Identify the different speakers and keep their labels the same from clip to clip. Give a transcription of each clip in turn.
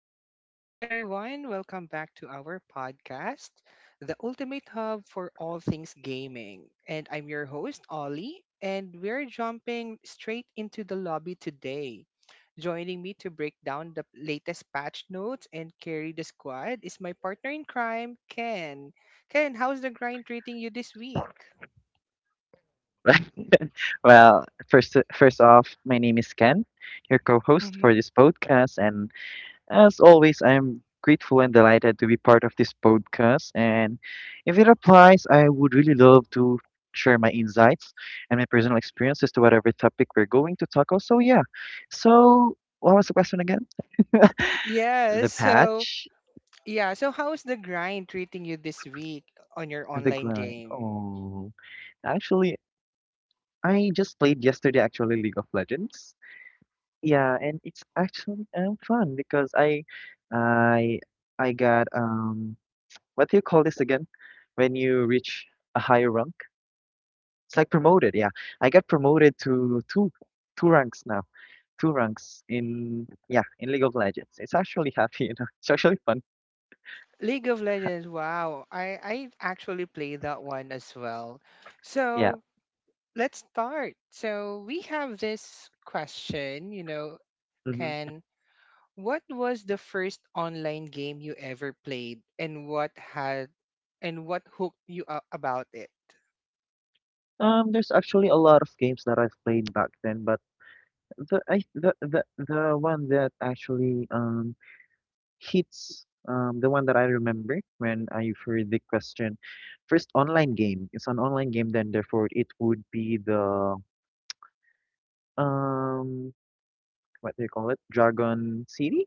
Speaker 1: What's up, everyone? Welcome back to our podcast, the ultimate hub for all things gaming. And I'm your host, Ollie, and we're jumping straight into the lobby today. Joining me to break down the latest patch notes and carry the squad is my partner in crime, Ken. Ken, how's the grind treating you this week?
Speaker 2: Well, first off my name is Ken, your co-host
Speaker 1: Mm-hmm.
Speaker 2: for this podcast, and as always, I'm grateful and delighted to be part of this podcast. And if it applies, I would really love to share my insights and my personal experiences to whatever topic we're going to tackle. So yeah, so what was the question again?
Speaker 1: Yeah,
Speaker 2: The
Speaker 1: so
Speaker 2: patch,
Speaker 1: yeah, so how's the grind treating you this week on your
Speaker 2: the
Speaker 1: online
Speaker 2: grind.
Speaker 1: game?
Speaker 2: Oh, actually, I just played yesterday. Actually, League of Legends. Yeah, and it's actually fun because I I got what do you call this again? When you reach a higher rank? It's like promoted, yeah. I got promoted to two ranks now. Two ranks in, yeah, in League of Legends. It's actually happy, you know. It's actually fun.
Speaker 1: League of Legends, wow. I actually play that one as well.
Speaker 2: Yeah.
Speaker 1: So let's start. So we have this question, you know,
Speaker 2: hmm
Speaker 1: Ken, what was the first online game you ever played and what had and what hooked you up about it?
Speaker 2: There's actually a lot of games that I've played back then, but the one that actually hits, the one that I remember when I've heard the question. First, online game. It's an online game, then therefore it would be the um what do you call it? Dragon City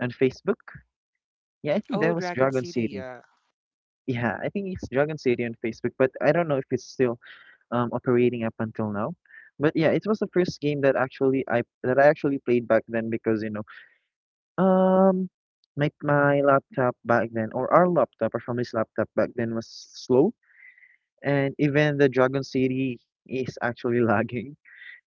Speaker 2: on Facebook. Yeah, I think
Speaker 1: Oh,
Speaker 2: that was
Speaker 1: Dragon
Speaker 2: Dragon
Speaker 1: City,
Speaker 2: City.
Speaker 1: yeah.
Speaker 2: Yeah, I think it's Dragon City on Facebook, but I don't know if it's still operating up until now. But yeah, it was the first game that actually I that I actually played back then because you know Um, my laptop back then, or our laptop, our family's laptop back then was slow, and even the Dragon City is actually lagging.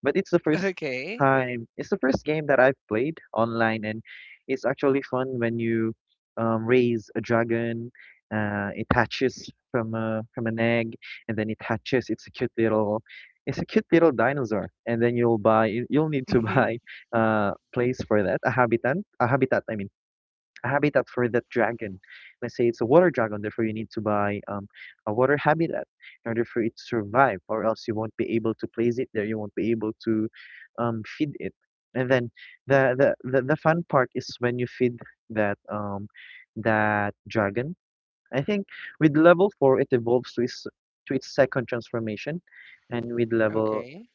Speaker 2: But it's the first
Speaker 1: Okay.
Speaker 2: time, it's the first game that I've played online, and it's actually fun when you raise a dragon. It hatches from a from an egg, and then it hatches. It's it's a cute little dinosaur, and then you'll need to
Speaker 1: Mhm.
Speaker 2: buy place for that, a habitat. I mean habitat for that dragon. Let's say it's a water dragon, therefore you need to buy a water habitat in order for it to survive, or else you won't be able to place it there. You won't be able to feed it. And then the fun part is when you feed that that dragon. I think with level four it evolves to its second transformation, and with level
Speaker 1: Okay.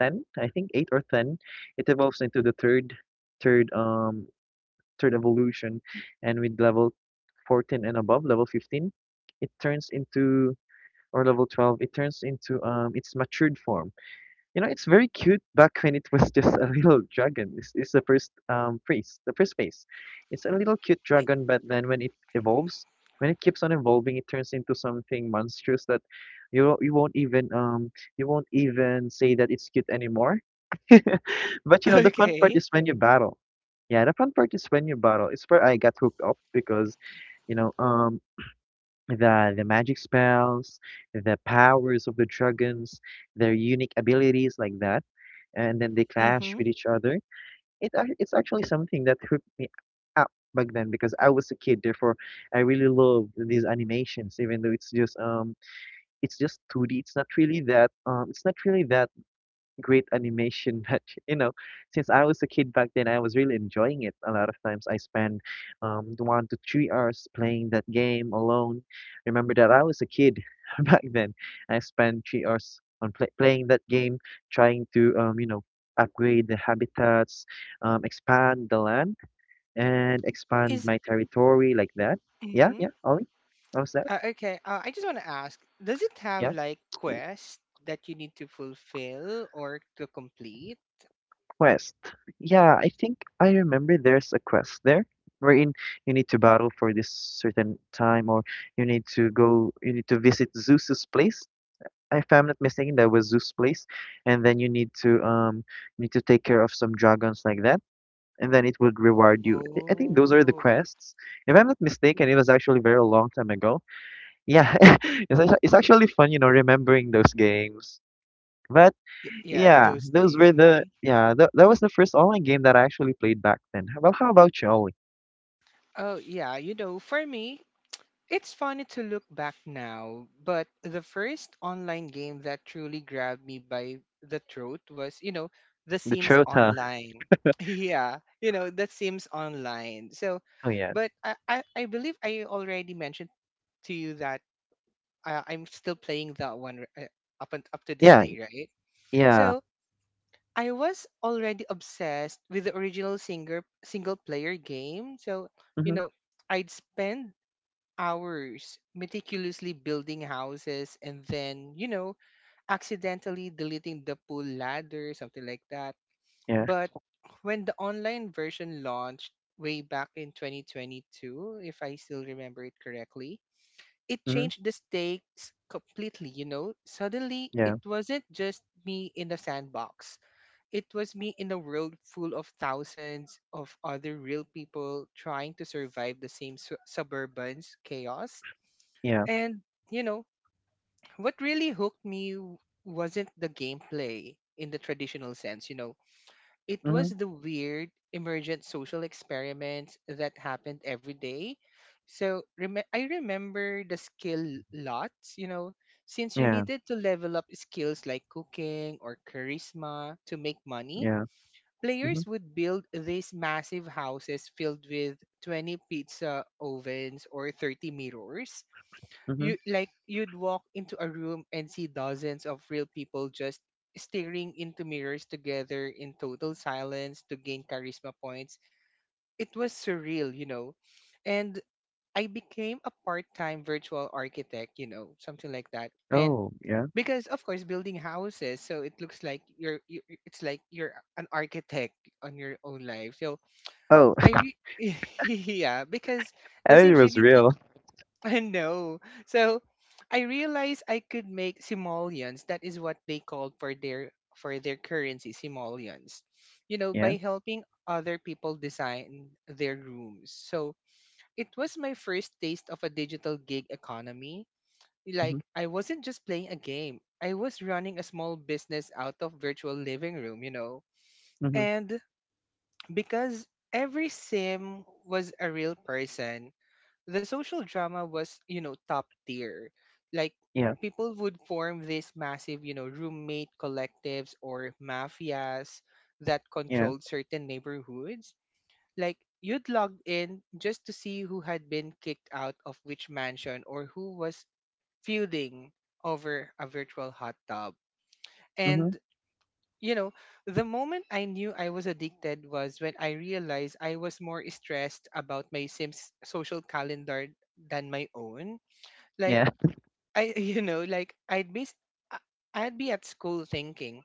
Speaker 2: ten, I think eight or ten, it evolves into the third third evolution, and with level 14 and above, level 15, it turns into, or level 12, it turns into its matured form. You know, it's very cute back when it was just a little dragon. This is the first phase, the first phase. It's a little cute dragon, but then when it evolves, when it keeps on evolving, it turns into something monstrous that you won't even you won't even say that it's cute anymore. But you know, the fun part
Speaker 1: Okay.
Speaker 2: is when you battle. Yeah, the fun part is when you battle. It's where I got hooked up because, you know, the magic spells, the powers of the dragons, their unique abilities like that, and then they clash
Speaker 1: Mhm.
Speaker 2: with each other. It's actually something that hooked me up back then because I was a kid. Therefore, I really loved these animations, even though it's just two D. It's not really that it's not really that great animation that you know, since I was a kid back then I was really enjoying it. A lot of times I spend 1 to 3 hours playing that game alone. Remember that I was a kid back then. I spent 3 hours on playing that game, trying to you know, upgrade the habitats, expand the land, and expand
Speaker 1: Is
Speaker 2: my territory like that. Yeah,
Speaker 1: mhm.
Speaker 2: yeah, Ollie, how's that?
Speaker 1: Okay. I just want to ask, does it have
Speaker 2: Yeah.
Speaker 1: like quests that you need to fulfill or to complete?
Speaker 2: Quest. Yeah, I think I remember there's a quest there wherein you need to battle for this certain time, or you need to visit Zeus's place. If I'm not mistaken, that was Zeus' place. And then you need to take care of some dragons like that. And then it would reward you. I think those are the
Speaker 1: Oh.
Speaker 2: quests. If I'm not mistaken, it was actually very long time ago. Yeah, it's actually fun, you know, remembering those games. But
Speaker 1: Y- yeah,
Speaker 2: yeah,
Speaker 1: those
Speaker 2: those
Speaker 1: days.
Speaker 2: were the
Speaker 1: Mhm.
Speaker 2: yeah, that was the first online game that I actually played back then. Well, how about you, Ollie?
Speaker 1: Oh, yeah, you know, for me, it's funny to look back now, but the first online game that truly grabbed me by the throat was, you know, The
Speaker 2: The
Speaker 1: Sims
Speaker 2: Chota.
Speaker 1: Online. Yeah, you know, The Sims Online. So,
Speaker 2: Oh yeah.
Speaker 1: but I believe I already mentioned to you that I'm still playing that one up and up to this
Speaker 2: Yeah,
Speaker 1: day, right?
Speaker 2: yeah.
Speaker 1: So I was already obsessed with the original singer single player game. So, you
Speaker 2: Mhm.
Speaker 1: know, I'd spend hours meticulously building houses and then, you know, accidentally deleting the pool ladder, something like that.
Speaker 2: Yeah.
Speaker 1: But when the online version launched way back in 2022, if I still remember it correctly, it
Speaker 2: Mhm.
Speaker 1: changed the stakes completely, you know? Suddenly,
Speaker 2: Yeah.
Speaker 1: it wasn't just me in the sandbox. It was me in a world full of thousands of other real people trying to survive the same suburban's chaos
Speaker 2: Yeah.
Speaker 1: and, you know, what really hooked me wasn't the gameplay in the traditional sense. You know, it was
Speaker 2: Mhm.
Speaker 1: the weird, emergent social experiments that happened every day. So I remember the skill lots, you know, since you
Speaker 2: Yeah.
Speaker 1: needed to level up skills like cooking or charisma to make money.
Speaker 2: Yeah.
Speaker 1: Players
Speaker 2: Mhm.
Speaker 1: would build these massive houses filled with 20 pizza ovens or 30 mirrors.
Speaker 2: Mhm.
Speaker 1: You'd walk into a room and see dozens of real people just staring into mirrors together in total silence to gain charisma points. It was surreal, you know. And I became a part-time virtual architect, you know, something like that. And
Speaker 2: Oh, yeah.
Speaker 1: because of course building houses, so it looks like it's like you're an architect on your own life. So
Speaker 2: Oh,
Speaker 1: I re- yeah, because
Speaker 2: I
Speaker 1: the
Speaker 2: think it
Speaker 1: Sims you
Speaker 2: was
Speaker 1: need
Speaker 2: real.
Speaker 1: no. So I realized I could make simoleons. That is what they called for their currency, simoleons. You know,
Speaker 2: Yeah.
Speaker 1: by helping other people design their rooms. So it was my first taste of a digital gig economy.
Speaker 2: Mhm.
Speaker 1: Like I wasn't just playing a game. I was running a small business out of virtual living room, you know.
Speaker 2: Mhm.
Speaker 1: And because every sim was a real person, the social drama was, you know, top tier. Like
Speaker 2: Yeah.
Speaker 1: people would form these massive, you know, roommate collectives or mafias that
Speaker 2: Yeah.
Speaker 1: controlled certain neighborhoods. Like you'd log in just to see who had been kicked out of which mansion or who was feuding over a virtual hot tub.
Speaker 2: Mhm.
Speaker 1: And you know, the moment I knew I was addicted was when I realized I was more stressed about my Sims social calendar than my own. Like
Speaker 2: Yeah.
Speaker 1: I you know like I'd be I- I'd be at school thinking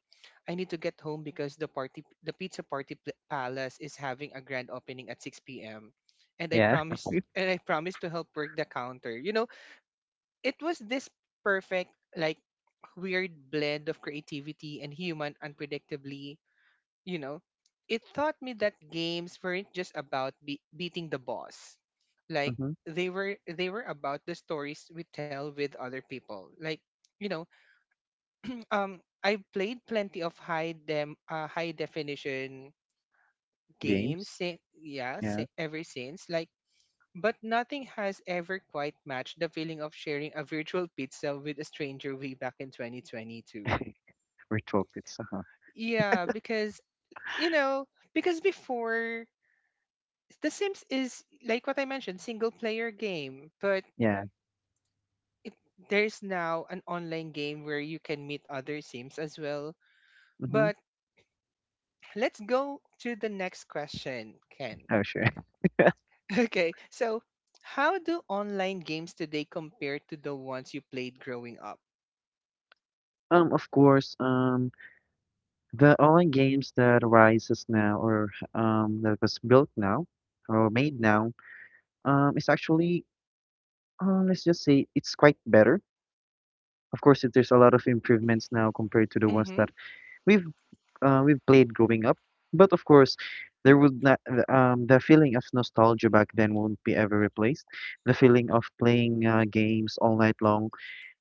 Speaker 1: I need to get home because the pizza palace is having a grand opening at 6 p.m. and
Speaker 2: Yeah.
Speaker 1: I promised to help work the counter. You know, it was this perfect like weird blend of creativity and human unpredictably. You know, it taught me that games weren't just about beating the boss. Like
Speaker 2: Mhm.
Speaker 1: they were about the stories we tell with other people. Like, you know, I've played plenty of high definition games
Speaker 2: Games. Yeah.
Speaker 1: ever since, like, but nothing has ever quite matched the feeling of sharing a virtual pizza with a stranger way back in 2022.
Speaker 2: Virtual pizza, huh?
Speaker 1: Yeah, because you know, because before, The Sims is like what I mentioned, single player game, but
Speaker 2: Yeah.
Speaker 1: there's now an online game where you can meet other Sims as well.
Speaker 2: Mhm.
Speaker 1: But let's go to the next question, Ken.
Speaker 2: Oh, sure.
Speaker 1: Okay, so how do online games today compare to the ones you played growing up?
Speaker 2: Of course. The online games that arises now, or that was built now or made now is actually let's just say it's quite better. Of course, it- there's a lot of improvements now compared to the ones
Speaker 1: Mm-hmm.
Speaker 2: that we've we've played growing up. But of course, there would not the, the feeling of nostalgia back then won't be ever replaced. The feeling of playing games all night long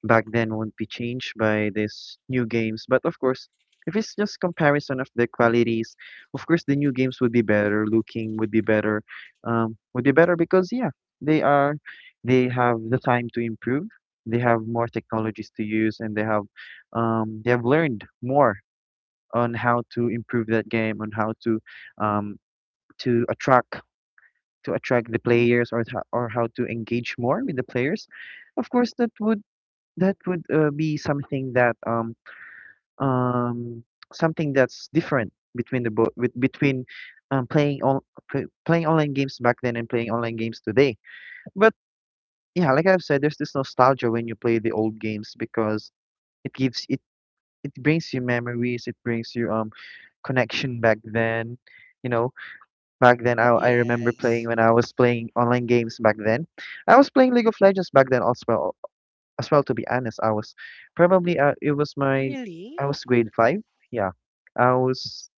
Speaker 2: back then won't be changed by these new games. But of course, if it's just comparison of the qualities, of course the new games would be better looking, would be better because yeah, they are, they have the time to improve. They have more technologies to use, and they have learned more on how to improve that game, on how um, to attract the players, or how to engage more with the players. Of course that would, be something that um something that's different between the both, with between um, playing on playing online games back then and playing online games today. But yeah, like I've said, there's this nostalgia when you play the old games because it gives it it brings you memories, it brings you connection back then. You know, back then I remember playing
Speaker 1: Yes.
Speaker 2: when I was playing online games back then. I was playing League of Legends back then as well, to be honest. I was probably it was my,
Speaker 1: Really?
Speaker 2: I was grade five, yeah, I was,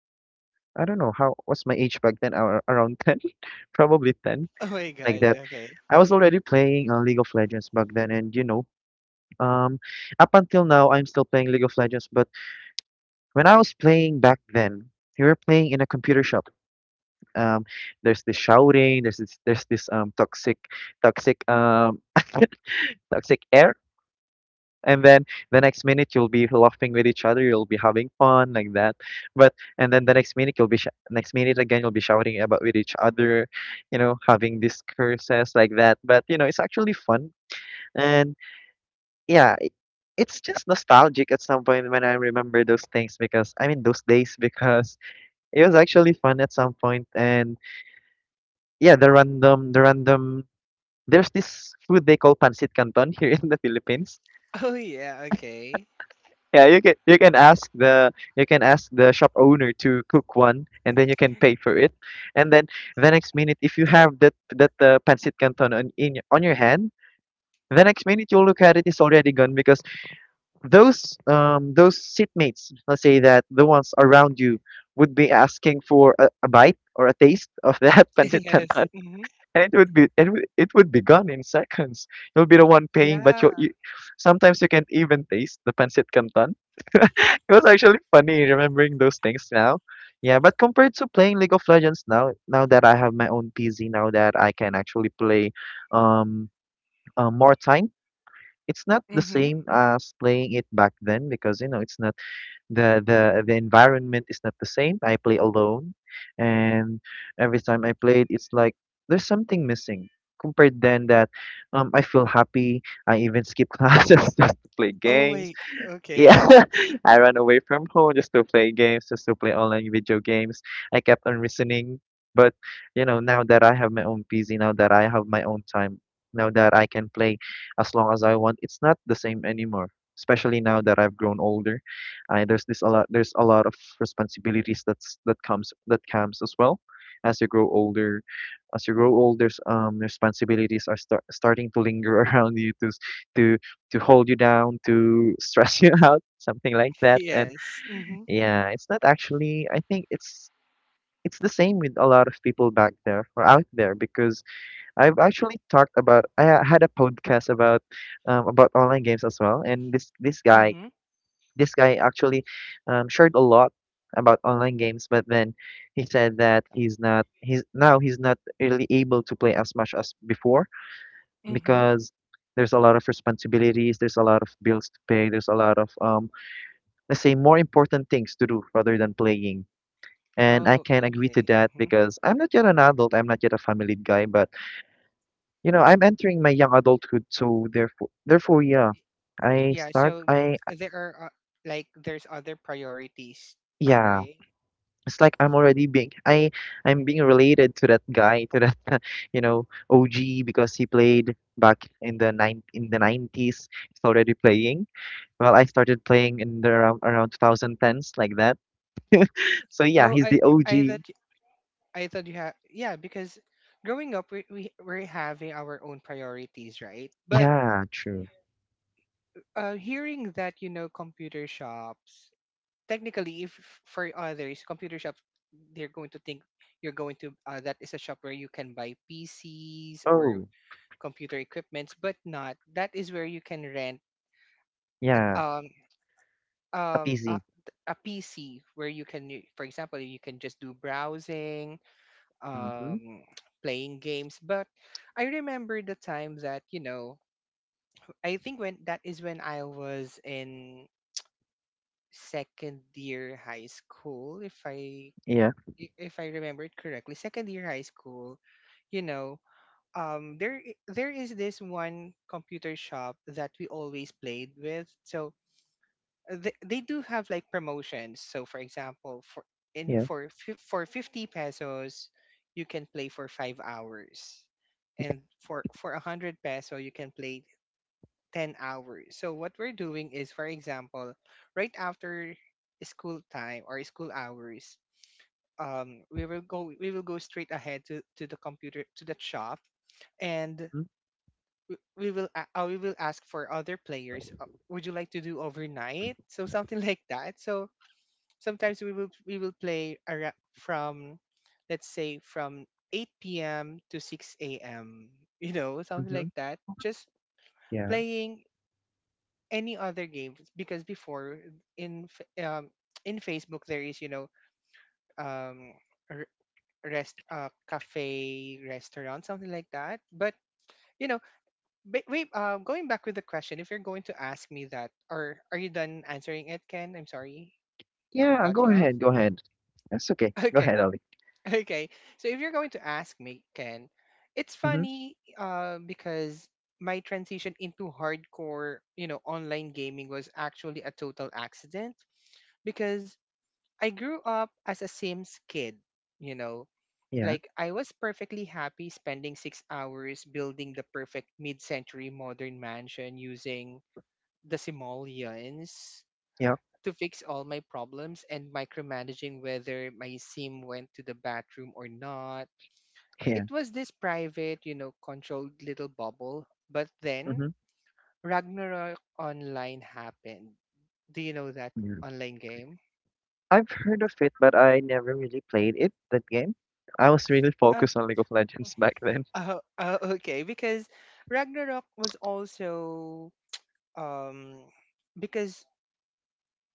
Speaker 2: I don't know how, what's my age back then. Around 10, probably 10,
Speaker 1: Oh my
Speaker 2: like
Speaker 1: god,
Speaker 2: that.
Speaker 1: okay.
Speaker 2: I was already playing League of Legends back then, and you know, um up until now I'm still playing League of Legends. But when I was playing back then, we were playing in a computer shop. um there's this shouting, there's this toxic toxic air, and then the next minute you'll be laughing with each other, you'll be having fun like that. But and then the next minute next minute again you'll be shouting about with each other, you know, having these curses like that. But you know, it's actually fun. And yeah, it, it's just nostalgic at some point when I remember those things because I mean those days, because it was actually fun at some point And yeah, the random, there's this food they call pancit canton here in the Philippines.
Speaker 1: Oh yeah, okay.
Speaker 2: Yeah, you can ask the, you can ask the shop owner to cook one, and then you can pay for it. And then the next minute, if you have that pancit canton on on your hand, the next minute you look at it, it's already gone, because those seatmates, let's say that the ones around you, would be asking for a bite or a taste of that pancit
Speaker 1: Yes.
Speaker 2: canton,
Speaker 1: Mm-hmm.
Speaker 2: and it would be gone in seconds. You'll be the one paying, but
Speaker 1: Yeah.
Speaker 2: you sometimes you can't even taste the pancit canton. It was actually funny remembering those things now. Yeah, but compared to playing League of Legends now, now that I have my own PC, now that I can actually play um more time, it's not the
Speaker 1: Mm-hmm.
Speaker 2: same as playing it back then because you know it's not the environment is not the same. I play alone, and every time I played, it's like there's something missing. Compared then that, I feel happy. I even skip classes just to play
Speaker 1: Oh
Speaker 2: games.
Speaker 1: wait,
Speaker 2: Yeah,
Speaker 1: okay.
Speaker 2: I ran away from home just to play games, just to play online video games. I kept on reasoning, but you know, now that I have my own PC, now that I have my own time, now that I can play as long as I want, it's not the same anymore. Especially now that I've grown older, I, there's this a lot. There's a lot of responsibilities that comes as well. As you grow older, as you grow older, s- responsibilities are starting to linger around you to hold you down, to stress you out, something like that. And
Speaker 1: Yes. Mm-hmm.
Speaker 2: yeah, it's not actually. I think it's the same with a lot of people back there or out there because I've actually talked about. Had a podcast about online games as well, and this guy
Speaker 1: Mm-hmm.
Speaker 2: this guy actually shared a lot about online games, but then he said that he's not really able to play as much as before
Speaker 1: Mm-hmm.
Speaker 2: because there's a lot of responsibilities, there's a lot of bills to pay, there's a lot of let's say more important things to do rather than playing. And I
Speaker 1: Oh,
Speaker 2: can agree to
Speaker 1: okay.
Speaker 2: that
Speaker 1: Mm-hmm.
Speaker 2: because I'm not yet an adult, I'm not yet a family guy, but you know, I'm entering my young adulthood, so therefore yeah. I
Speaker 1: Yeah,
Speaker 2: start
Speaker 1: so
Speaker 2: I
Speaker 1: there are like there's other priorities,
Speaker 2: yeah.
Speaker 1: right?
Speaker 2: It's like I'm being related to that guy, to that you know, OG, because he played back in the 90s. He's already playing. Well, I started playing in the around 2010s, like that. So yeah,
Speaker 1: Oh,
Speaker 2: he's
Speaker 1: I
Speaker 2: the
Speaker 1: I
Speaker 2: OG.
Speaker 1: thought I thought you had, yeah, because growing up we're having our own priorities, right? But
Speaker 2: Yeah, true.
Speaker 1: hearing that, you know, computer shops, technically, if for others, computer shops, they're going to think you're going to that is a shop where you can buy PCs or
Speaker 2: Oh,
Speaker 1: computer equipments, but not that is where you can rent at
Speaker 2: yeah,
Speaker 1: um
Speaker 2: a
Speaker 1: um
Speaker 2: PC.
Speaker 1: a, a PC where you can, for example, you can just do browsing,
Speaker 2: Mm-hmm.
Speaker 1: um, playing games. But I remember the time that, you know, I think when that is when I was in second year high school, if
Speaker 2: Yeah,
Speaker 1: if I remember it correctly, second year high school, you know. There there is this one computer shop that we always played with. So they do have like promotions. So for example, for in
Speaker 2: yeah,
Speaker 1: for fif- for 50 pesos, you can play for 5 hours.
Speaker 2: yeah.
Speaker 1: And for 100 peso, you can play 10 hours. So what we're doing is, for example, right after school time or school hours, we will go straight ahead to the shop. And
Speaker 2: Mm-hmm.
Speaker 1: we will ask for other players, would you like to do overnight, so something like that. So sometimes we will play from let's say from 8 p.m. to 6 a.m. You know, something
Speaker 2: Mm-hmm.
Speaker 1: like that. Just
Speaker 2: Yeah,
Speaker 1: playing any other games, because before, in F- um in Facebook, there is, you know, um r- rest cafe restaurant, something like that. But you know, wait. Going back with the question, if you're going to ask me that, or are you done answering it, Ken? I'm sorry to
Speaker 2: yeah.
Speaker 1: cut
Speaker 2: Go
Speaker 1: you off.
Speaker 2: ahead, go ahead. That's okay. Go
Speaker 1: Okay.
Speaker 2: ahead, Ali.
Speaker 1: Okay. So if you're going to ask me, Ken, it's
Speaker 2: Mm-hmm.
Speaker 1: funny because my transition into hardcore, you know, online gaming was actually a total accident, because I grew up as a Sims kid, you know.
Speaker 2: Yeah,
Speaker 1: Like I was perfectly happy spending 6 hours building the perfect mid-century modern mansion using the simoleons
Speaker 2: yeah,
Speaker 1: to fix all my problems and micromanaging whether my sim went to the bathroom or not. It
Speaker 2: yeah.
Speaker 1: was this private, you know, controlled little bubble. But then
Speaker 2: Mm-hmm.
Speaker 1: Ragnarok Online happened. Do you know that
Speaker 2: Yeah.
Speaker 1: online game?
Speaker 2: I've heard of it, but I never really played it. That game. I was really
Speaker 1: Uh,
Speaker 2: focused on League of Legends back then.
Speaker 1: okay, because Ragnarok was also um because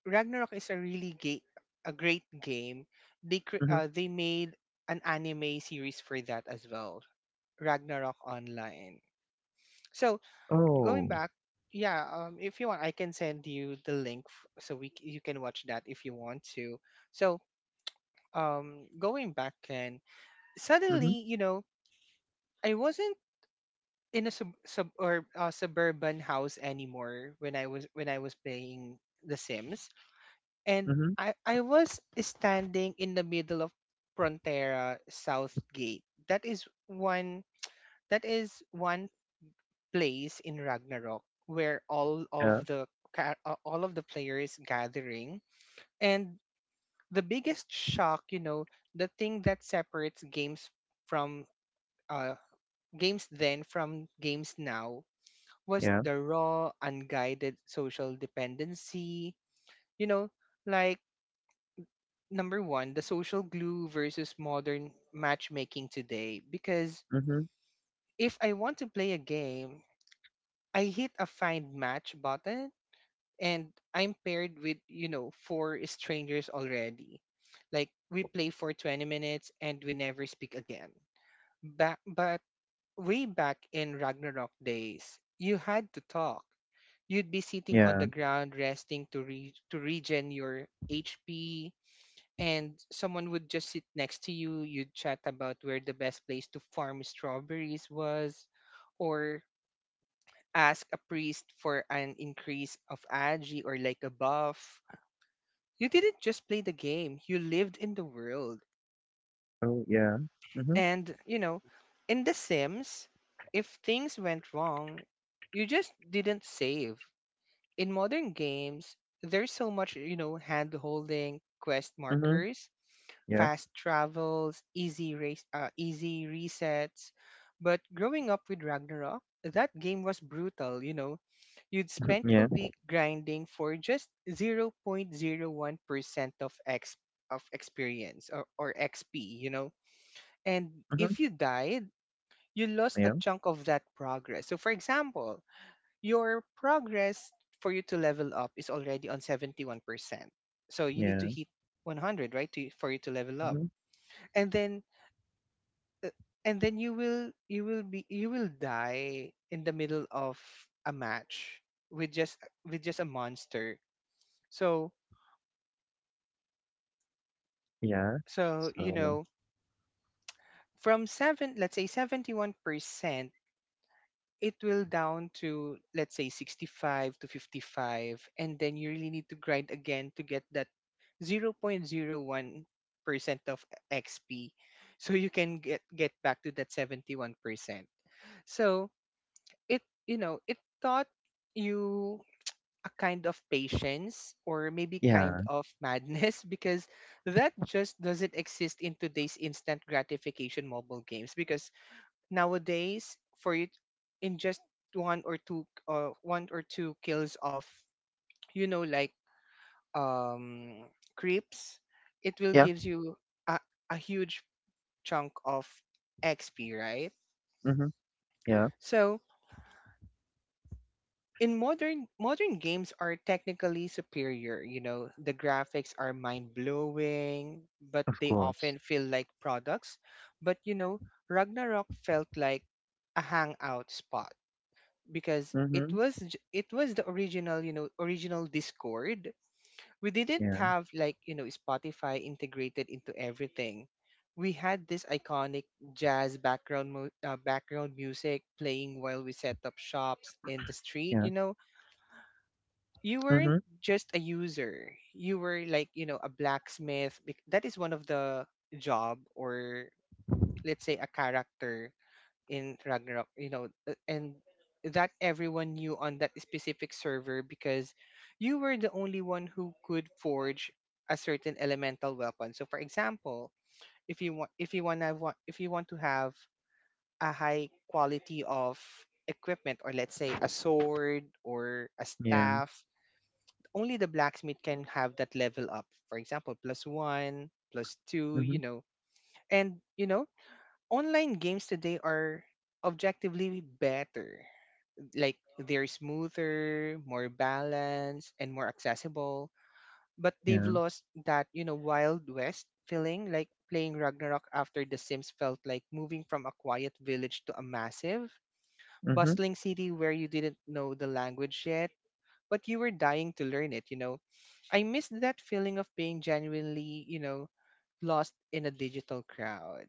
Speaker 1: Ragnarok is a really great a great game. They
Speaker 2: Mm-hmm.
Speaker 1: they made an anime series for that as well, Ragnarok Online. So going
Speaker 2: Oh.
Speaker 1: back, yeah, if you want, I can send you the link so you can watch that if you want to. So, going back, and
Speaker 2: Mm-hmm.
Speaker 1: suddenly, you know, I wasn't in a suburban house anymore when I was playing The Sims, and
Speaker 2: Mm-hmm.
Speaker 1: I was standing in the middle of Frontera South Gate. That is one place in Ragnarok where
Speaker 2: Yeah.
Speaker 1: all of the players gathering. And the biggest shock, you know, the thing that separates from uh games then from games now was
Speaker 2: Yeah.
Speaker 1: the raw unguided social dependency, you know, like number 1, the social glue versus modern matchmaking today. Because
Speaker 2: Mhm.
Speaker 1: if I want to play a game, I hit a find match button and I'm paired with, you know, four strangers already. Like we play for 20 minutes and we never speak again. Back, but way back in Ragnarok days, you had to talk. You'd be sitting on
Speaker 2: Yeah.
Speaker 1: the ground resting to to regen your HP and someone would just sit next to you. You'd chat about where the best place to farm strawberries was, or ask a priest for an increase of agi or like a buff. You didn't just play the game, you lived in the world.
Speaker 2: Oh, yeah. Mhm.
Speaker 1: And, you know, in The Sims, if things went wrong, you just didn't save. In modern games, there's so much, you know, hand holding, quest
Speaker 2: Mhm.
Speaker 1: markers,
Speaker 2: Yeah.
Speaker 1: fast travels, easy resets. But growing up with Ragnarok, that game was brutal, you know. You'd spent a
Speaker 2: Yeah.
Speaker 1: week grinding for just 0.01% of X of experience or XP, you know? And
Speaker 2: Mhm.
Speaker 1: if you died, you lost a
Speaker 2: Yeah.
Speaker 1: chunk of that progress. So for example, your progress for you to level up is already on 71%. So you need to
Speaker 2: Yeah.
Speaker 1: hit 100, right, to, for you to level up.
Speaker 2: Mhm.
Speaker 1: And then uh, and then you will die in the middle of a match with just with just a monster. So
Speaker 2: Yeah.
Speaker 1: So, you
Speaker 2: So,
Speaker 1: know, from seven, let's say 71%, it will down to, let's say 65 to 55. And then you really need to grind again to get that 0.01% of XP, so you can get back to that 71%. So it, you know, it taught you a kind of patience or maybe
Speaker 2: yeah.
Speaker 1: kind of madness because that just doesn't exist in today's instant gratification mobile games. Because nowadays for it, in just one or two kills of, you know, like um creeps, it will
Speaker 2: Yeah.
Speaker 1: gives you a, a huge chunk of XP, right?
Speaker 2: Mhm. Yeah.
Speaker 1: So in modern games are technically superior, you know, the graphics are mind blowing, but
Speaker 2: Of
Speaker 1: they
Speaker 2: course.
Speaker 1: often feel like products. But, you know, Ragnarok felt like a hangout spot because
Speaker 2: Mhm.
Speaker 1: it was the original, you know, original Discord. We didn't
Speaker 2: Yeah.
Speaker 1: have like, you know, Spotify integrated into everything. We had this iconic jazz background music playing while we set up shops in the street,
Speaker 2: Yeah.
Speaker 1: you know. You weren't
Speaker 2: Mhm.
Speaker 1: just a user, you were like, you know, a blacksmith that is one of the job, or let's say a character in Ragnarok, you know, and that everyone knew on that specific server because you were the only one who could forge a certain elemental weapon. So for example, if you want to want if you want to have a high quality of equipment, or let's say a sword or a
Speaker 2: Yeah.
Speaker 1: staff, only the blacksmith can have that level up. For example, plus one, plus two,
Speaker 2: Mhm.
Speaker 1: you know. And, you know, online games today are objectively better. Like, they're smoother, more balanced, and more accessible. But they've
Speaker 2: Yeah.
Speaker 1: lost that, you know, Wild West feeling. Like, playing Ragnarok after The Sims felt like moving from a quiet village to a massive,
Speaker 2: Mhm.
Speaker 1: bustling city where you didn't know the language yet, but you were dying to learn it, you know. I miss that feeling of being genuinely, you know, lost in a digital crowd.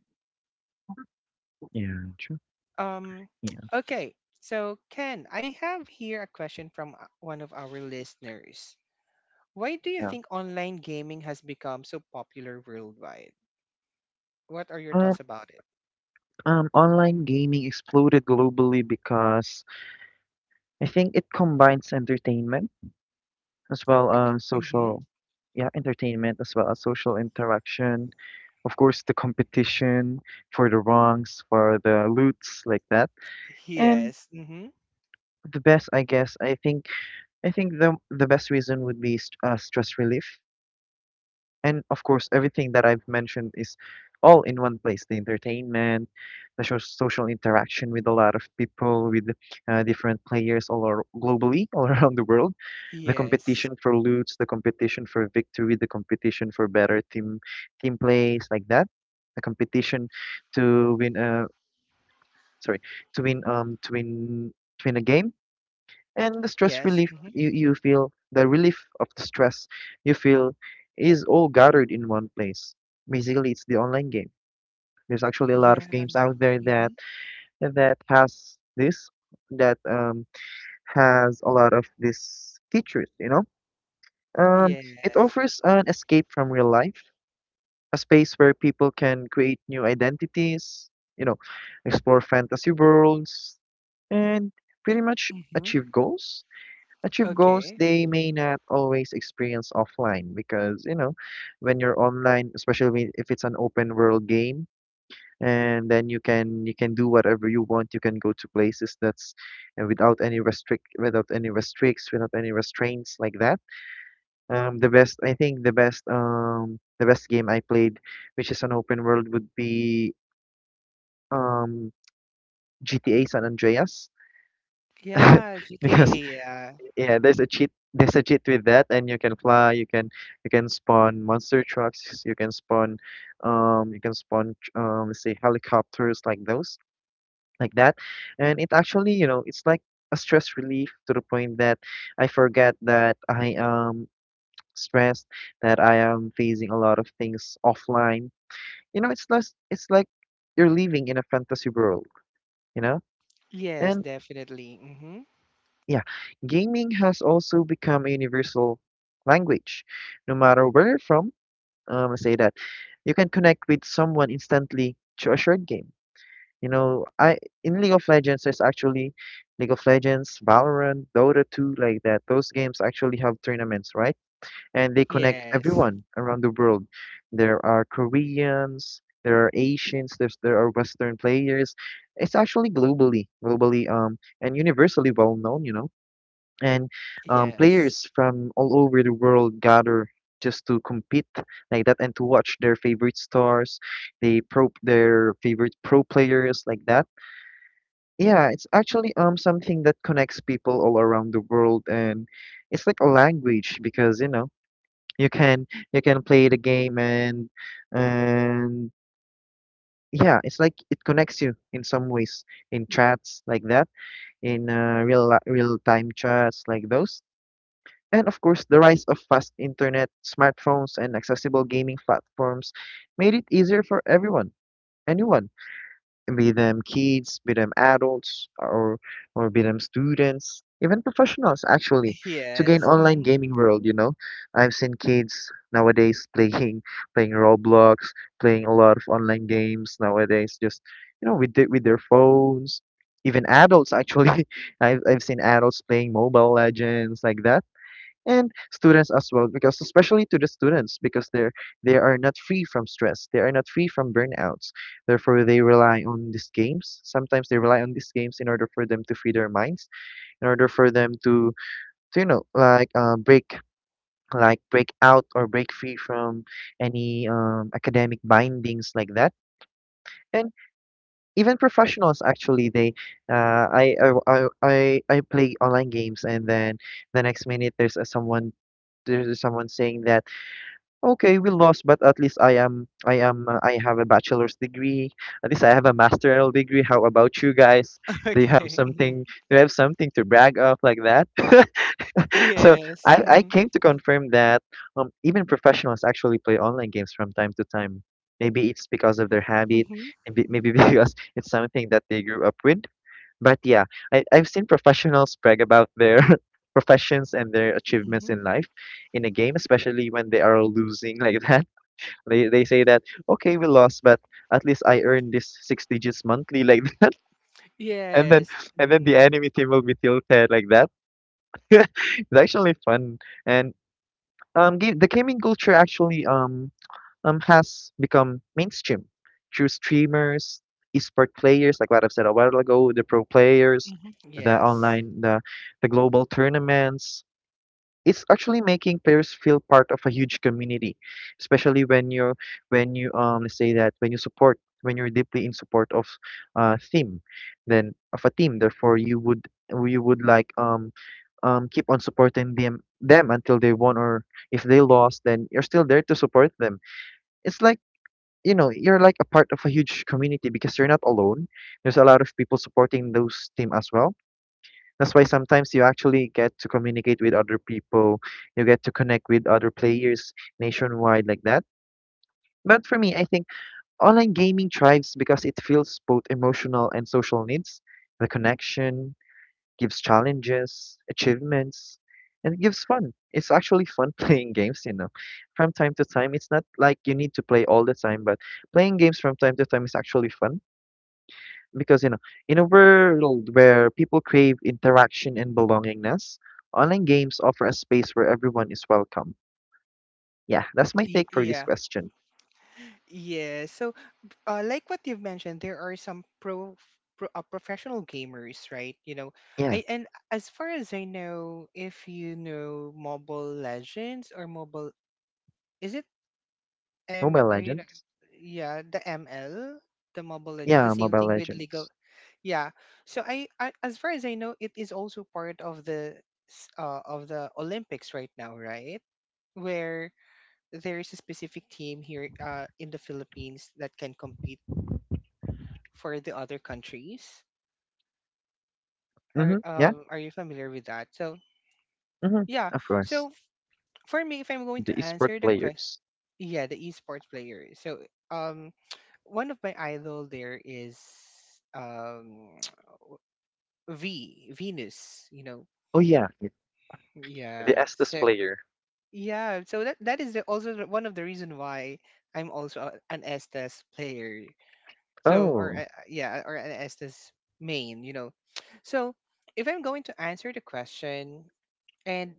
Speaker 2: Yeah. True.
Speaker 1: Um,
Speaker 2: Yeah.
Speaker 1: okay, so Ken, I have here a question from one of our listeners. Why do you
Speaker 2: Yeah.
Speaker 1: think online gaming has become so popular worldwide? What are your
Speaker 2: Um,
Speaker 1: thoughts about it?
Speaker 2: online gaming exploded globally because I think it combines entertainment as well
Speaker 1: Okay.
Speaker 2: as
Speaker 1: Mm-hmm.
Speaker 2: social, yeah, entertainment as well as social interaction. Of course, the competition for the wrongs, for the loots, like that. And
Speaker 1: Yes. Mm-hmm.
Speaker 2: the best, I think the best reason would be stress relief. And of course, everything that I've mentioned is all in one place: the entertainment, social interaction with a lot of people, with different players globally, all around the world, the
Speaker 1: Yes.
Speaker 2: competition for loots, the competition for victory, the competition for better team plays like that, the competition to win. Sorry, to win. Um, to win. To win a game. And the stress
Speaker 1: Yes.
Speaker 2: relief
Speaker 1: Mm-hmm.
Speaker 2: you feel, the relief of the stress you feel, is all gathered in one place. Basically, it's the online game. There's actually a lot of
Speaker 1: Yeah.
Speaker 2: games out there
Speaker 1: Mm-hmm.
Speaker 2: that that has this that has a lot of these features, you know. um, it
Speaker 1: Yes.
Speaker 2: offers an escape from real life, a space where people can create new identities, you know, explore fantasy worlds, and pretty much
Speaker 1: Mm-hmm.
Speaker 2: achieve goals
Speaker 1: Okay.
Speaker 2: they may not always experience offline. Because you know, when you're online, especially if it's an open world game, and then you can do whatever you want, you can go to places that's without any restrict without any restricts without any restraints like that. The best game I played which is an open world would be um GTA San Andreas.
Speaker 1: Yeah.
Speaker 2: Because
Speaker 1: GTA. Yeah.
Speaker 2: yeah, there's a cheat with that, and you can fly, you can spawn monster trucks, you can spawn you can spawn, let's say, helicopters like those, like that. And it actually, you know, it's like a stress relief to the point that I forget that I am stressed, that I am facing a lot of things offline. You know, it's less, it's like you're living in a fantasy world, you know?
Speaker 1: Yes,
Speaker 2: And
Speaker 1: definitely. Mm-hmm.
Speaker 2: yeah, gaming has also become a universal language. No matter where you're from, let's say that you can connect with someone instantly through a shared game. You know, I in League of Legends, there's actually League of Legends, Valorant, Dota 2, like that. Those games actually have tournaments, right? And they connect
Speaker 1: Yes.
Speaker 2: everyone around the world. There are Koreans, there are Asians, there are Western players. It's actually globally, and universally well known, you know. And
Speaker 1: Yes.
Speaker 2: players from all over the world gather just to compete like that and to watch their favorite stars, they pro their favorite pro players like that. Yeah, it's actually something that connects people all around the world, and it's like a language because you know you can play the game, and and yeah, it's like it connects you in some ways, in chats like that, in real time chats like those. And of course, the rise of fast internet, smartphones, and accessible gaming platforms made it easier for everyone, anyone, be them kids, be them adults, or be them students, even professionals actually, to gain
Speaker 1: Yes.
Speaker 2: online
Speaker 1: Mm-hmm.
Speaker 2: gaming world, you know. I've seen kids nowadays playing Roblox, playing a lot of online games nowadays, just you know, with their phones. Even adults actually. I've seen adults playing Mobile Legends like that, and students as well, because especially to the students, because they are not free from stress, they are not free from burnouts, therefore they rely on these games in order for them to free their minds, in order for them to you know, like, break out or break free from any academic bindings like that. And even professionals actually, they I play online games, and then the next minute there's a, someone there's someone saying that, okay, we lost, but at least I have a bachelor's degree. At least I have a master's degree. How about you guys? Do you have
Speaker 1: Okay. Mm-hmm.
Speaker 2: something? Do you have something to brag of like that? So
Speaker 1: Yes.
Speaker 2: I
Speaker 1: Mm-hmm.
Speaker 2: came to confirm that even professionals actually play online games from time to time. Maybe it's because of their habit,
Speaker 1: Mm-hmm.
Speaker 2: maybe because it's something that they grew up with. But yeah, I've seen professionals brag about their professions and their achievements
Speaker 1: Mm-hmm.
Speaker 2: in life in a game, especially when they are losing like that. They say that, okay, we lost, but at least I earned this six digits monthly like that. and then
Speaker 1: Yes.
Speaker 2: and then the
Speaker 1: Mm-hmm.
Speaker 2: enemy team will be tilted like that. It's actually fun. And the gaming culture actually has become mainstream through streamers, esport players, like what I've said a while ago, the pro players, the
Speaker 1: Yes.
Speaker 2: online, the, the global tournaments. It's actually making players feel part of a huge community, especially when you're when you let's say that when you're deeply in support of theme, then of a team. Therefore, you would like, keep on supporting them until they won, or if they lost, then you're still there to support them. It's like, you know, you're like a part of a huge community because you're not alone, there's a lot of people supporting those team as well. That's why sometimes you actually get to communicate with other people, you get to connect with other players nationwide like that. But for me, I think online gaming thrives because it fills both emotional and social needs. The connection gives challenges, achievements, and it gives fun. It's actually fun playing games, you know. From time to time, it's not like you need to play all the time, but playing games from time to time is actually fun because, you know, in a world where people crave interaction and belongingness, online games offer a space where everyone is welcome. Yeah, that's my take for this
Speaker 1: Yeah.
Speaker 2: question.
Speaker 1: Yes. So, like what you've mentioned, there are some pro, professional gamers, right? You know,
Speaker 2: Yeah,
Speaker 1: I and as far as I know, if you know Mobile Legends or Mobile, is it M,
Speaker 2: Mobile
Speaker 1: are you not?
Speaker 2: Legends.
Speaker 1: Yeah, the ML, the Mobile Legends, the
Speaker 2: Yeah,
Speaker 1: same
Speaker 2: Mobile
Speaker 1: thing with League of.
Speaker 2: Legends.
Speaker 1: Yeah. So I as far as I know, it is also part of the of the Olympics right now, right? Where there is a specific team here in the Philippines that can compete for the other countries.
Speaker 2: Mm-hmm. Yeah.
Speaker 1: Are you familiar with that? So
Speaker 2: Mm-hmm.
Speaker 1: yeah.
Speaker 2: Of course.
Speaker 1: So for me, if I'm going
Speaker 2: The
Speaker 1: to
Speaker 2: esport
Speaker 1: answer the question,
Speaker 2: players.
Speaker 1: yeah, the esports player. So, um, one of my idol there is um V Venus. You know,
Speaker 2: Oh yeah. Yeah. The
Speaker 1: yeah.
Speaker 2: Estes
Speaker 1: So
Speaker 2: player.
Speaker 1: yeah, so that that is the, also one of the reason why I'm also an Estes player. So or
Speaker 2: Oh,
Speaker 1: yeah, or an Estes main. You know, so if I'm going to answer the question. And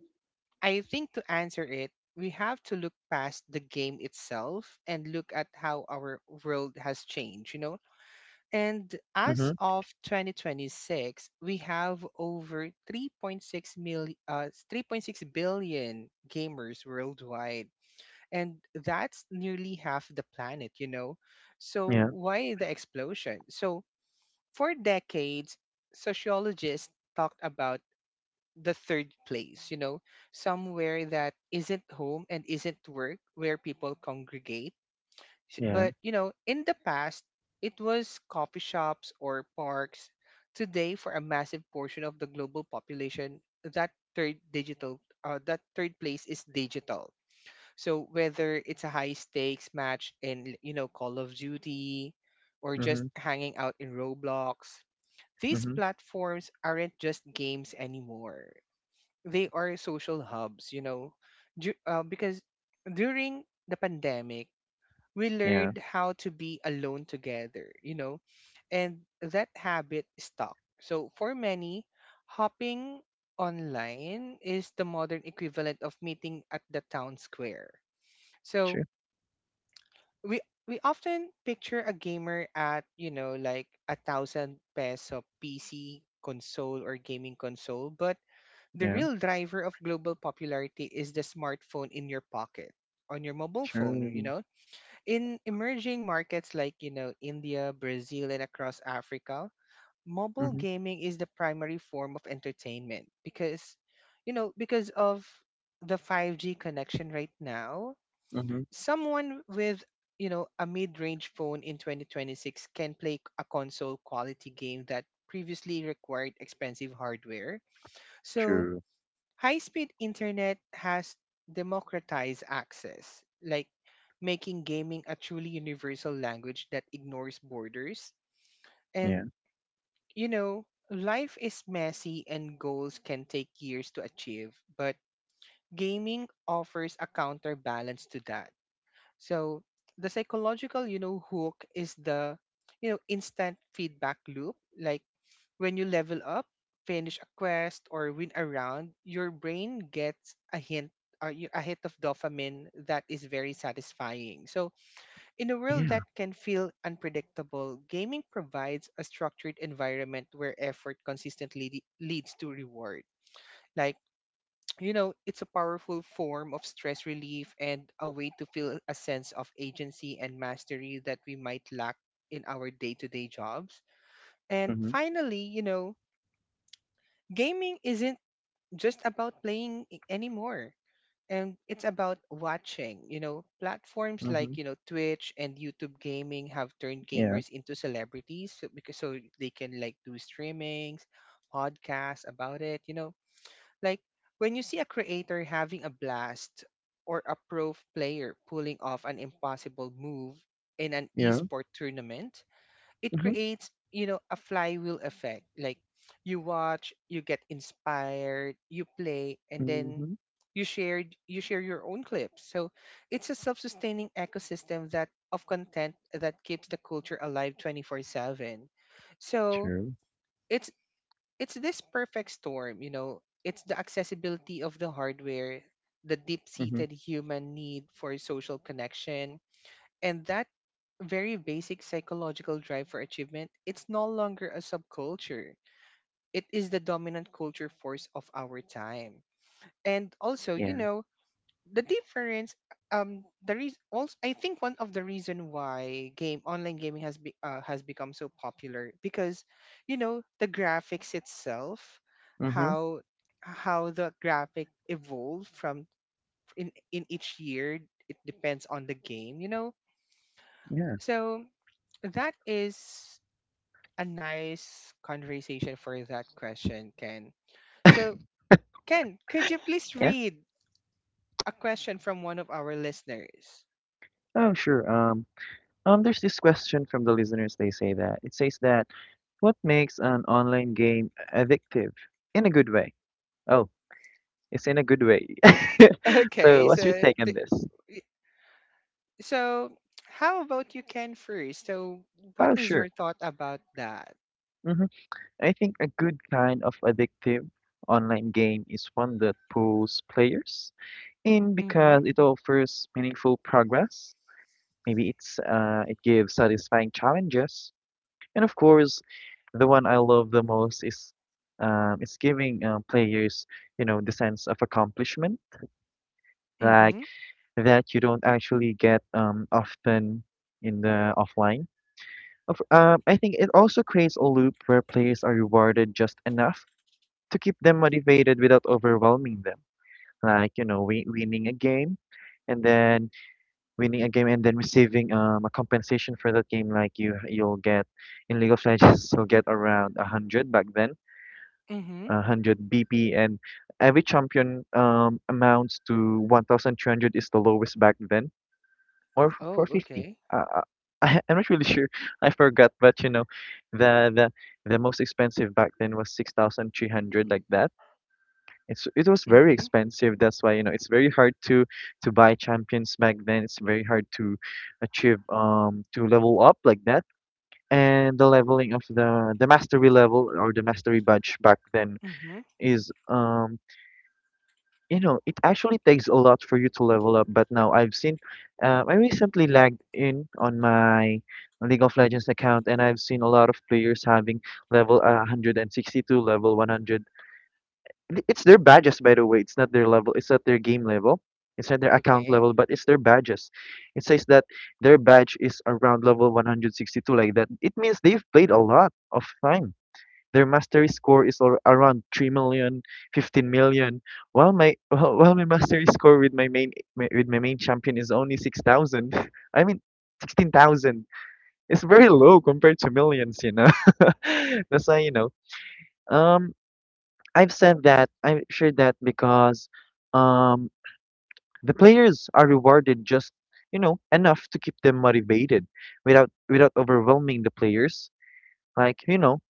Speaker 1: I think to answer it, we have to look past the game itself and look at how our world has changed, you know? And
Speaker 2: mhm,
Speaker 1: as of 2026, we have over 3.6 3.6 billion gamers worldwide. And that's nearly half the planet, you know? So
Speaker 2: yeah,
Speaker 1: why the explosion? So for decades, sociologists talked about the third place, you know, somewhere that isn't home and isn't work where people congregate.
Speaker 2: yeah,
Speaker 1: But, you know, in the past, it was coffee shops or parks. Today, for a massive portion of the global population, that third place is digital. So whether it's a high stakes match in, you know, Call of Duty, or just
Speaker 2: mhm,
Speaker 1: hanging out in Roblox, these
Speaker 2: mhm,
Speaker 1: platforms aren't just games anymore, they are social hubs, you know. Because during the pandemic, we
Speaker 2: yeah,
Speaker 1: learned how to be alone together, you know, and that habit stuck. So for many, hopping online is the modern equivalent of meeting at the town square. So
Speaker 2: true,
Speaker 1: we we often picture a gamer at, you know, like a thousand peso PC console or gaming console, but the
Speaker 2: yeah,
Speaker 1: real driver of global popularity is the smartphone in your pocket, on your mobile phone, you
Speaker 2: true,
Speaker 1: know. In emerging markets like, you know, India, Brazil, and across Africa, mobile
Speaker 2: mhm,
Speaker 1: gaming is the primary form of entertainment because, you know, because of the 5G connection right now,
Speaker 2: mhm,
Speaker 1: someone with, you know, a mid-range phone in 2026 can play a console quality game that previously required expensive hardware. So,
Speaker 2: true,
Speaker 1: high speed internet has democratized access, like making gaming a truly universal language that ignores borders.
Speaker 2: yeah,
Speaker 1: And, you know, life is messy and goals can take years to achieve, but gaming offers a counterbalance to that. So the psychological, you know, hook is the, you know, instant feedback loop. Like when you level up, finish a quest, or win a round, your brain gets a hint. A hit of dopamine that is very satisfying. So, in a world
Speaker 2: yeah,
Speaker 1: that can feel unpredictable, gaming provides a structured environment where effort consistently leads to reward. Like, you know, it's a powerful form of stress relief and a way to feel a sense of agency and mastery that we might lack in our day to day jobs. And
Speaker 2: mhm,
Speaker 1: finally, you know, gaming isn't just about playing anymore. And it's about watching. You know, platforms
Speaker 2: mhm,
Speaker 1: like, you know, Twitch and YouTube gaming have turned
Speaker 2: yeah,
Speaker 1: gamers into celebrities so, because so they can like do streamings, podcasts about it, you know. Like when you see a creator having a blast or a pro player pulling off an impossible move in an
Speaker 2: yeah,
Speaker 1: esport tournament, it
Speaker 2: mhm,
Speaker 1: creates, you know, a flywheel effect. Like you watch, you get inspired, you play, and then
Speaker 2: mhm,
Speaker 1: you share, you share your own clips. So it's a self-sustaining ecosystem that of content that keeps the culture alive 24/7. So
Speaker 2: true,
Speaker 1: it's it's this perfect storm, you know, it's the accessibility of the hardware, the
Speaker 2: mhm,
Speaker 1: deep-seated human need for social connection, and that very basic psychological drive for achievement. It's no longer a subculture. It is the dominant culture force of our time. And also, you
Speaker 2: yeah,
Speaker 1: know, the difference, there is also I think one of the reason why game online gaming has has become so popular because, you know, the graphics itself,
Speaker 2: mhm,
Speaker 1: how how the graphic evolved from in each year, it depends on the game, you know.
Speaker 2: yeah,
Speaker 1: So that is a nice conversation for that question, Ken. So, Ken, could you please
Speaker 2: yeah.
Speaker 1: read a question from one of our listeners?
Speaker 2: Oh, sure. There's this question from the listeners. They say that it says that, what makes an online game addictive in a good way? Oh, it's in a good way. So,
Speaker 1: Okay,
Speaker 2: what's your
Speaker 1: so
Speaker 2: take on this?
Speaker 1: y- so how about you, Ken, first? So, what
Speaker 2: Oh,
Speaker 1: is
Speaker 2: sure.
Speaker 1: your thought about that?
Speaker 2: Mm-hmm. I think a good kind of addictive online game is one that pulls players in
Speaker 1: Mm-hmm.
Speaker 2: because it offers meaningful progress. Maybe it gives satisfying challenges, and of course, the one I love the most is it's giving players the sense of accomplishment like
Speaker 1: Mm-hmm.
Speaker 2: that you don't actually get often in the offline. I think it also creates a loop where players are rewarded just enough to keep them motivated without overwhelming them. Like, you know, winning a game and then winning a game and then receiving a compensation for that game. Like you'll get in League of Legends, you'll get around a hundred back then,
Speaker 1: Mm-hmm.
Speaker 2: a hundred BP, and every champion amounts to 1,200 is the lowest back then, or
Speaker 1: Oh,
Speaker 2: 450. 50
Speaker 1: okay.
Speaker 2: Uh, uh, I'm not really sure. I forgot, but, the the most expensive back then was 6,300 like that. It was very
Speaker 1: Mm-hmm.
Speaker 2: expensive. That's why, you know, it's very hard to buy champions back then. It's very hard to achieve to level up like that. And the leveling of the mastery level or the mastery badge back then
Speaker 1: Mm-hmm.
Speaker 2: is you know, it actually takes a lot for you to level up. But now I've seen I recently lagged in on my League of Legends account, and I've seen a lot of players having level 162, level 100. It's their badges, by the way. It's not their level, it's not their game level, it's not their account
Speaker 1: Okay.
Speaker 2: level, but it's their badges. It says that their badge is around level 162 like that. It means they've played a lot of time. Their mastery score is around 3 million, 15 million, while my while my mastery score with my main, with my main champion is only 6,000, I mean 16,000. It's very low compared to millions, you know. That's why, you know, um I've said that. I've shared that because um, the players are rewarded just, you know, enough to keep them motivated, without overwhelming the players. Like, you know,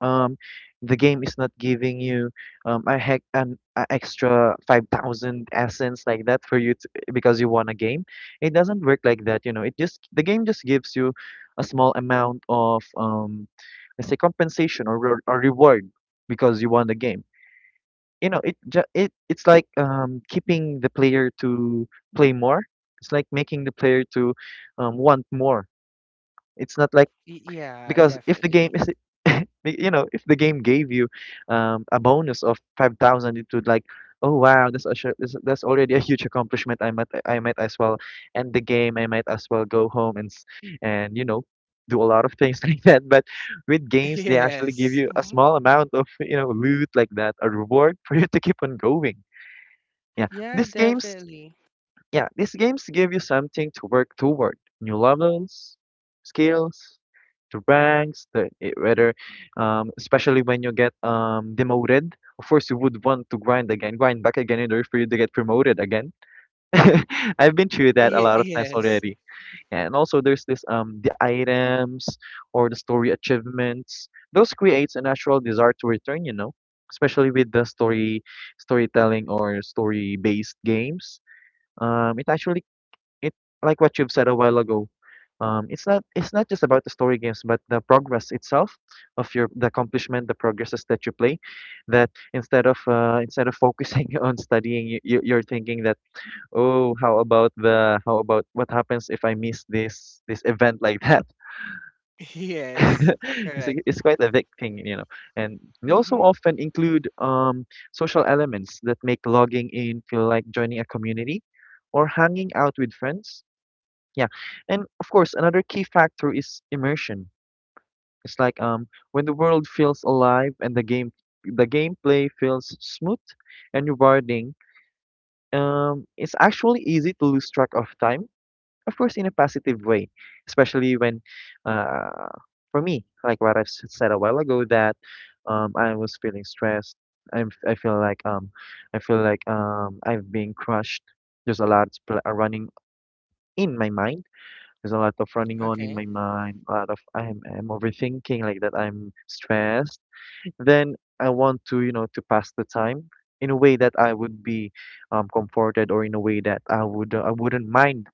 Speaker 2: um, the game is not giving you a heck an a extra 5,000 essence like that for because you won a game. It doesn't work like that. You know, it just the game just gives you a small amount of let's say compensation or reward because you won the game, you know. It it's like keeping the player to play more. It's like making the player to want more. It's not like,
Speaker 1: Yeah,
Speaker 2: because if the game
Speaker 1: definitely.
Speaker 2: is you know, if the game gave you a bonus of 5,000, it would like, oh wow, that's that's already a huge accomplishment. I might, I might as well end the game. I might as well go home and, you know, do a lot of things like that. But with games, they actually give
Speaker 1: Yes.
Speaker 2: you a
Speaker 1: Mm-hmm.
Speaker 2: small amount of, you know, loot like that, a reward for you to keep on going. Yeah,
Speaker 1: Yeah,
Speaker 2: these games,
Speaker 1: definitely.
Speaker 2: yeah, these games give you something to work toward. New levels, skills, the ranks, whether, especially when you get demoted. Of course, you would want to grind again, grind back again in order for you to get promoted again. I've been through that a lot of times
Speaker 1: Yes.
Speaker 2: already. And also, there's this the items or the story achievements. Those creates a natural desire to return, you know, especially with the story storytelling or story based games. It actually, it like what you've said a while ago. It's not, it's not just about the story games, but the progress itself of your the accomplishment, the progresses that you play. That instead of focusing on studying, you're thinking that, oh, how about the how about what happens if I miss this event like that.
Speaker 1: Yes,
Speaker 2: It's,
Speaker 1: correct.
Speaker 2: it's quite a big thing, you know. And they also
Speaker 1: Mm-hmm.
Speaker 2: often include social elements that make logging in feel like joining a community or hanging out with friends. Yeah, and of course, another key factor is immersion. It's like when the world feels alive and the gameplay feels smooth and rewarding. It's actually easy to lose track of time, of course, in a positive way, especially when, uh, for me, like what I've said a while ago, that I was feeling stressed. I'm I feel like um I feel like I've been crushed. There's a lot running in my mind. There's a lot of running on in my
Speaker 1: Okay.
Speaker 2: mind, a lot of, I'm overthinking like that. I'm stressed. Then I want to, you know, to pass the time in a way that I would be comforted, or in a way that I wouldn't mind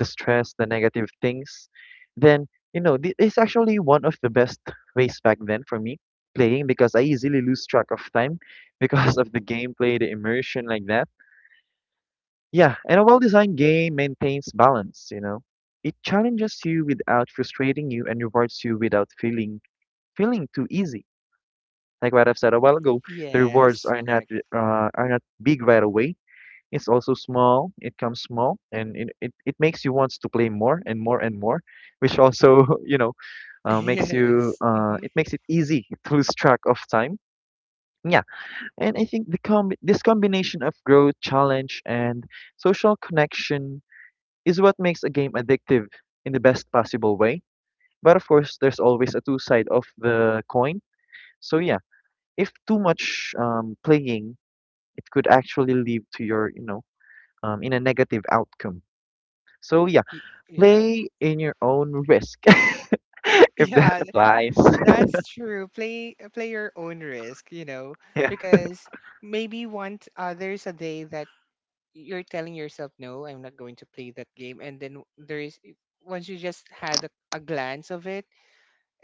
Speaker 2: the stress, the negative things. Then, you know, it's actually one of the best ways back then for me playing, because I easily lose track of time because of the gameplay, the immersion like that. Yeah, and a well-designed game maintains balance, you know. It challenges you without frustrating you, and rewards you without feeling too easy. Like what I've said a while ago, the rewards
Speaker 1: Yes, correct.
Speaker 2: are not big right away. It's also small. It comes small, and it makes you wants to play more and more and more, which also you know makes you
Speaker 1: Yes. Mm-hmm.
Speaker 2: it makes it easy to lose track of time. Yeah, and I think the com this combination of growth, challenge, and social connection is what makes a game addictive in the best possible way. But of course, there's always a two side of the coin. So yeah, if too much playing, it could actually lead to your, you know, in a negative outcome. So yeah,
Speaker 1: Y- Yeah.
Speaker 2: play in your own risk, if that
Speaker 1: Yeah,
Speaker 2: applies.
Speaker 1: that's true. Play play your own risk, you know,
Speaker 2: Yeah.
Speaker 1: because maybe once, there's a day that you're telling yourself, no, I'm not going to play that game, and then there is, once you just had a glance of it,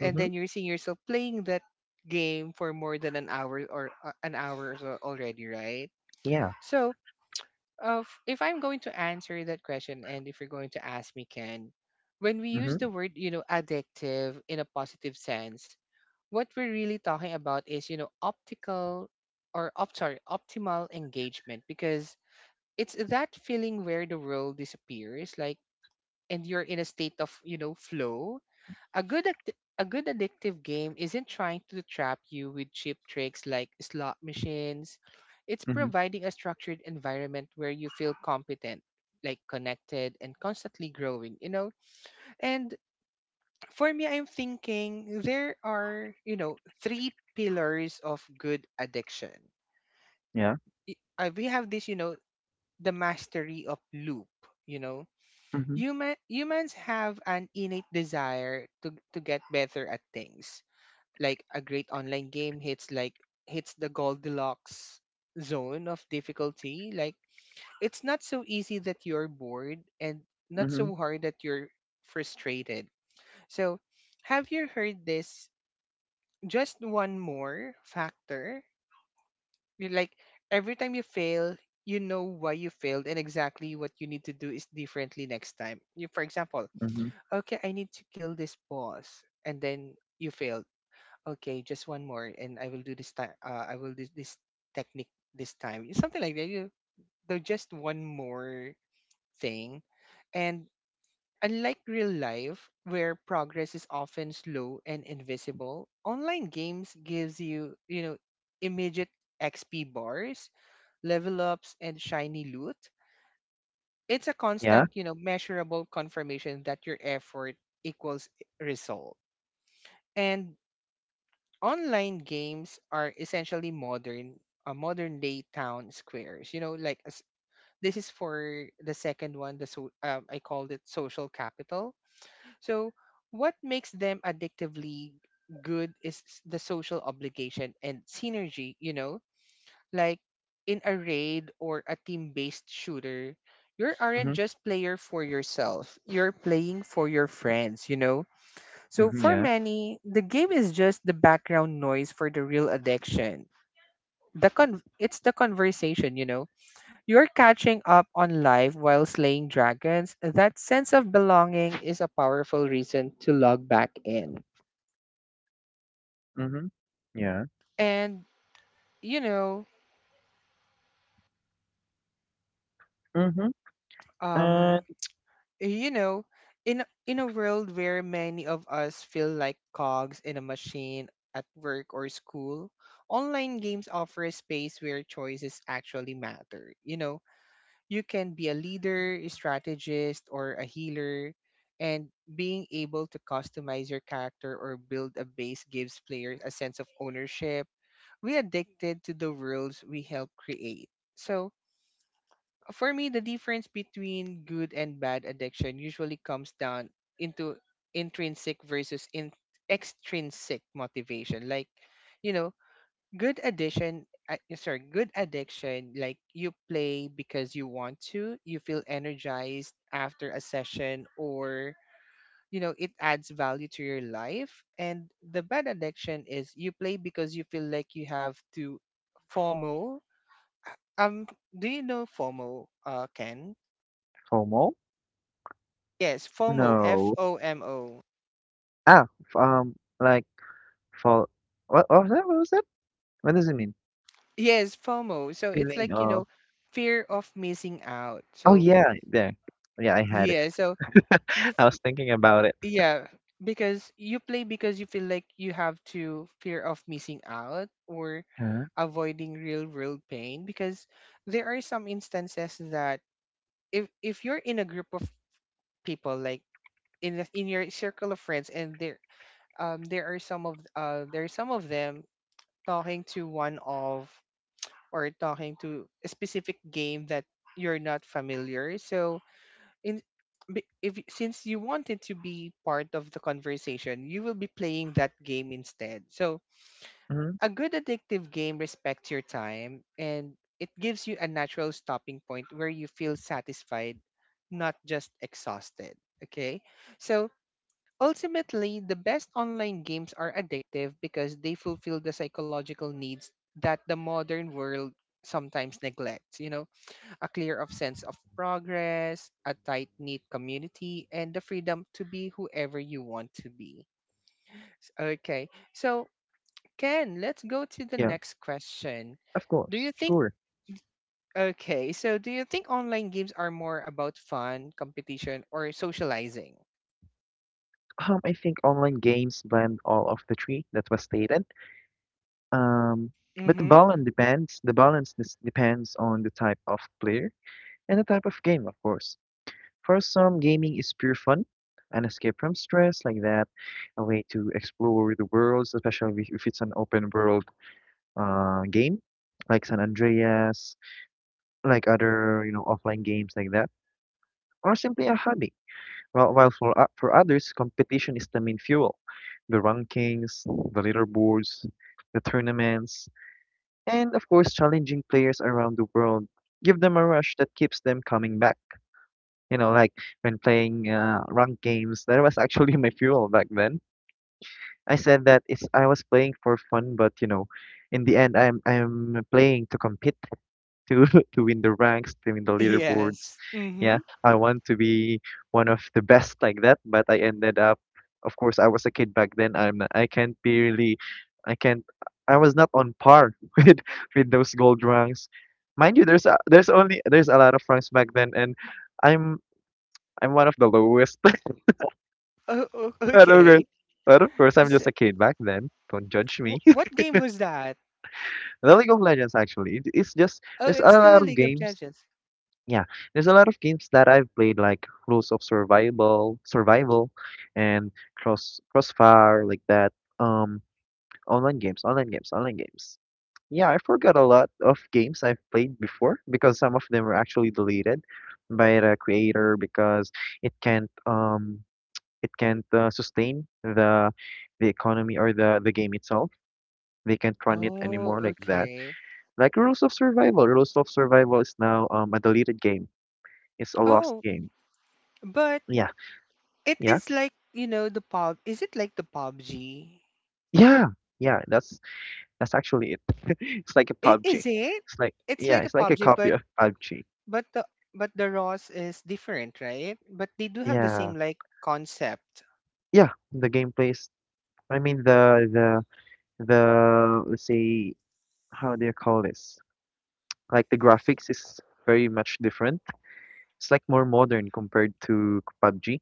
Speaker 1: and then you're seeing yourself playing that game for more than an hour, or an hour or so already, right?
Speaker 2: Yeah.
Speaker 1: So if I'm going to answer that question, and if you're going to ask me, Ken, when we use
Speaker 2: Mm-hmm.
Speaker 1: the word, you know, addictive in a positive sense, what we're really talking about is, you know, optical, or sorry, optimal engagement, because it's that feeling where the world disappears, like, and you're in a state of, you know, flow. A a good addictive game isn't trying to trap you with cheap tricks like slot machines. It's
Speaker 2: Mm-hmm.
Speaker 1: providing a structured environment where you feel competent, like connected and constantly growing, you know? And for me, I'm thinking there are, you know, three pillars of good addiction.
Speaker 2: Yeah.
Speaker 1: We have this, you know, the mastery of loop, you know?
Speaker 2: Mm-hmm.
Speaker 1: Humans have an innate desire to get better at things like a great online game hits hits the Goldilocks zone of difficulty. Like it's not so easy that you're bored and not
Speaker 2: Mm-hmm.
Speaker 1: so hard that you're frustrated. So have you heard this just one more factor? You're like every time you fail, you know why you failed and exactly what you need to do is differently next time. You for example,
Speaker 2: Mm-hmm.
Speaker 1: okay, I need to kill this boss and then you fail. Okay, just one more, and I will do this time. I will do this technique this time. Something like that. Just one more thing, and unlike real life, where progress is often slow and invisible, online games gives you, immediate XP bars, level ups, and shiny loot. It's a
Speaker 2: Yeah.
Speaker 1: constant, measurable confirmation that your effort equals result. And online games are essentially modern day town squares, you know, like this is for the second one. The so um, i called it social capital. So what makes them addictively good is the social obligation and synergy, you know, like in a raid or a team based shooter, you
Speaker 2: Mm-hmm.
Speaker 1: aren't just player for yourself, you're playing for your friends, you know. So
Speaker 2: Mm-hmm.
Speaker 1: for
Speaker 2: Yeah.
Speaker 1: many, the game is just the background noise for the real addiction. It's the conversation, you know. You're catching up on life while slaying dragons. That sense of belonging is a powerful reason to log back in.
Speaker 2: Mm-hmm. Yeah.
Speaker 1: And you know,
Speaker 2: Mm-hmm. And
Speaker 1: um, you know, in a world where many of us feel like cogs in a machine at work or school, online games offer a space where choices actually matter. You know, you can be a leader, a strategist, or a healer, and being able to customize your character or build a base gives players a sense of ownership. We addicted to the worlds we help create. So, for me, the difference between good and bad addiction usually comes down into intrinsic versus extrinsic motivation. Like, you know, good addition sorry good addiction, like you play because you want to, you feel energized after a session, or you know it adds value to your life, and the bad addiction is you play because you feel like you have to. FOMO. Uh, um do you know FOMO, uh, Ken?
Speaker 2: FOMO?
Speaker 1: Yes, FOMO, F
Speaker 2: No.
Speaker 1: O M O.
Speaker 2: Ah, f like, fall, what was that? What was that? What does it mean?
Speaker 1: Yes, FOMO. So it's
Speaker 2: Feeling
Speaker 1: like, you
Speaker 2: of,
Speaker 1: know, fear of missing out.
Speaker 2: oh,
Speaker 1: So
Speaker 2: yeah, there. Yeah, I had it.
Speaker 1: yeah, so you
Speaker 2: I
Speaker 1: f-
Speaker 2: was thinking about it.
Speaker 1: yeah, because you play because you feel like you have to, fear of missing out, or
Speaker 2: Huh?
Speaker 1: avoiding real world pain, because there are some instances that if you're in a group of people, like in in your circle of friends, and there there are some of there are some of them talking to one of, or talking to a specific game that you're not familiar. So in be- if y- since you wanted to be part of the conversation, you will be playing that game instead. So,
Speaker 2: Mhm.
Speaker 1: a good addictive game respects your time and it gives you a natural stopping point where you feel satisfied, not just exhausted. Okay? So, ultimately, the best online games are addictive because they fulfill the psychological needs that the modern world sometimes neglects. You know, a clear of sense of progress, a tight-knit community, and the freedom to be whoever you want to be. Okay, so Ken, let's go to the
Speaker 2: Yeah,
Speaker 1: next question.
Speaker 2: of
Speaker 1: Do you
Speaker 2: course.
Speaker 1: think,
Speaker 2: Sure.
Speaker 1: okay, so do you think online games are more about fun, competition, or socializing?
Speaker 2: I think online games blend all of the three that was stated. Um, but the
Speaker 1: Mm-hmm.
Speaker 2: balance depends. The balance this depends on the type of player and the type of game, of course. For some, gaming is pure fun, an escape from stress like that, a way to explore the world, especially if it's an open world game, like San Andreas, like other, you know, offline games like that, or simply a hobby. While for for others, competition is the main fuel, the rankings, the leaderboards, the tournaments, and of course, challenging players around the world give them a rush that keeps them coming back. You know, like when playing ranked games, that was actually my fuel back then. I said that it's I was playing for fun, but you know, in the end, I'm playing to compete, to to win the ranks, to win the leaderboards.
Speaker 1: Yes.
Speaker 2: Yeah,
Speaker 1: Mm-hmm.
Speaker 2: I want to be one of the best like that, but I ended up, of course, I was a kid back then. I can't be really, I can't. I was not on par with those gold ranks. Mind you, there's there's only there's a lot of ranks back then, and I'm I'm one of the lowest.
Speaker 1: Oh, oh,
Speaker 2: But of course,
Speaker 1: okay.
Speaker 2: I'm
Speaker 1: Is,
Speaker 2: just
Speaker 1: it-
Speaker 2: a kid back then. Don't judge me.
Speaker 1: what game was that?
Speaker 2: The League of Legends actually, it's just
Speaker 1: Oh,
Speaker 2: there's a
Speaker 1: it's still
Speaker 2: lot
Speaker 1: a
Speaker 2: of
Speaker 1: League of
Speaker 2: games.
Speaker 1: Legends.
Speaker 2: Yeah, there's a lot of games that I've played, like Rules of Survival, and Crossfire like that. Um, online games. Yeah, I forgot a lot of games I've played before because some of them were actually deleted by the creator because it can't um it can't sustain the economy or the game itself. They can't run it
Speaker 1: Oh,
Speaker 2: anymore like that.
Speaker 1: okay.
Speaker 2: Like Rules of Survival is now a deleted game. It's a lost
Speaker 1: Oh,
Speaker 2: game.
Speaker 1: but
Speaker 2: Yeah,
Speaker 1: it
Speaker 2: yeah,
Speaker 1: is like, you know, the pub. Is it like the PUBG?
Speaker 2: yeah, yeah. That's actually it. It's like a
Speaker 1: I- Is
Speaker 2: PUBG.
Speaker 1: it?
Speaker 2: It's like,
Speaker 1: It's
Speaker 2: yeah,
Speaker 1: like a
Speaker 2: it's like a
Speaker 1: PUBG,
Speaker 2: copy
Speaker 1: but
Speaker 2: of PUBG.
Speaker 1: but the but the ROS is different, right? But they do have the
Speaker 2: Yeah,
Speaker 1: same like concept.
Speaker 2: yeah. The gameplays. I mean the, let's say, how do you call this? Like the graphics is very much different. It's like more modern compared to PUBG.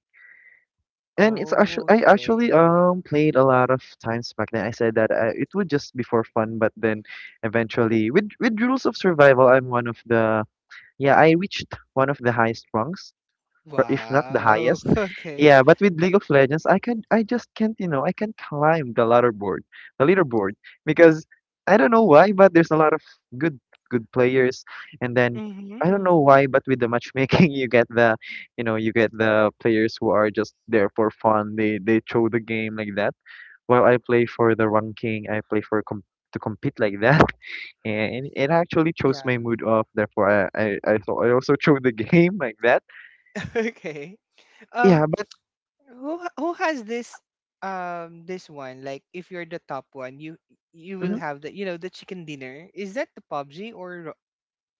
Speaker 2: And it's actually I actually
Speaker 1: Okay.
Speaker 2: played a lot of times back then. I said that it would just be for fun, but then eventually with Rules of Survival, I'm one of the Yeah, I reached one of the highest rungs, or if not the
Speaker 1: Wow.
Speaker 2: highest.
Speaker 1: Okay.
Speaker 2: Yeah, but with League of Legends, I just can't. I can climb the leaderboard, because I don't know why, but there's a lot of good good players. And then
Speaker 1: Mm-hmm.
Speaker 2: I don't know why, but with the matchmaking, you get the players who are just there for fun. They throw the game like that. While I play for the ranking, I play for com to compete like that. And it actually chose
Speaker 1: Yeah.
Speaker 2: my mood off. Therefore, I thought I also chose the game like that.
Speaker 1: Okay. Um,
Speaker 2: Yeah, but
Speaker 1: who has this this one? Like, if you're the top one, you will
Speaker 2: mhm,
Speaker 1: have the, you know, the chicken dinner. Is that the PUBG or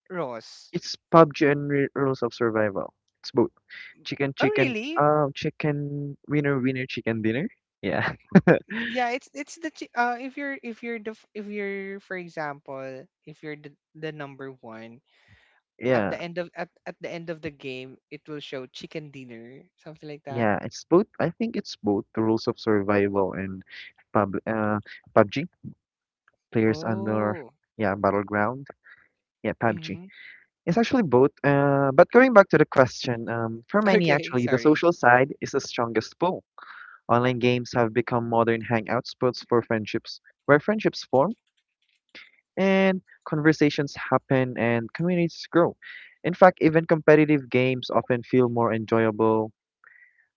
Speaker 1: Ross?
Speaker 2: it's PUBG and Rules of Survival. It's both chicken,
Speaker 1: Oh,
Speaker 2: chicken,
Speaker 1: really?
Speaker 2: chicken winner, winner, chicken dinner. Yeah,
Speaker 1: Yeah, if you're the f- if you're, for example, if you're the number one at
Speaker 2: yeah,
Speaker 1: the end of at the end of the game, it will show chicken dinner, something like that.
Speaker 2: yeah. It's both. I think it's both the Rules of Survival and pub uh PUBG players under,
Speaker 1: Oh.
Speaker 2: yeah, battleground, yeah. PUBG.
Speaker 1: Mm-hmm.
Speaker 2: It's actually both, but going back to the question, for many,
Speaker 1: Okay,
Speaker 2: actually the
Speaker 1: sorry.
Speaker 2: social side is the strongest pull. Online games have become modern hangout spots for friendships, where friendships form and conversations happen and communities grow. In fact, even competitive games often feel more enjoyable,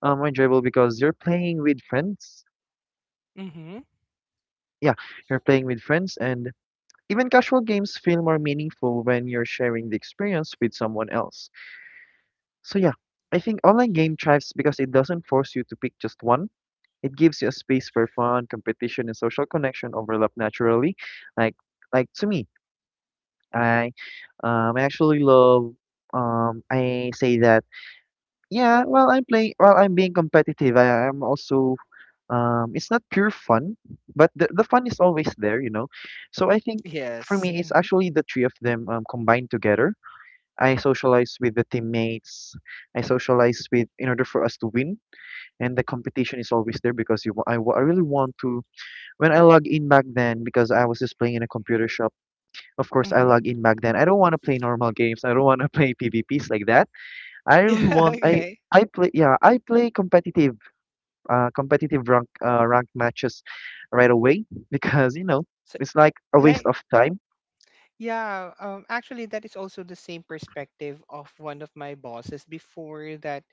Speaker 2: um, enjoyable because you're playing with friends.
Speaker 1: Mm-hmm.
Speaker 2: Yeah, you're playing with friends, and even casual games feel more meaningful when you're sharing the experience with someone else. So yeah, I think online game thrives because it doesn't force you to pick just one. It gives you a space where fun, competition, and social connection overlap naturally. Like like to me, I I actually love. I say that. Yeah, while I'm being competitive, I am also, it's not pure fun, but the fun is always there. So I think for
Speaker 1: Yes.
Speaker 2: me it's
Speaker 1: Mm-hmm.
Speaker 2: actually the three of them, combined together. I socialize with the teammates. I socialize with in order for us to win, and the competition is always there because you wa- I really want to. When I log in back then, because I was just playing in a computer shop, of course I
Speaker 1: Mm-hmm.
Speaker 2: log in back then. I don't want to play normal games. I don't want to play PvPs like that. I really
Speaker 1: Yeah,
Speaker 2: want I
Speaker 1: okay.
Speaker 2: I play, yeah, I play competitive rank matches right away. Because
Speaker 1: So
Speaker 2: it's like a waste
Speaker 1: like
Speaker 2: of time.
Speaker 1: yeah, um, actually that is also the same perspective of one of my bosses before, that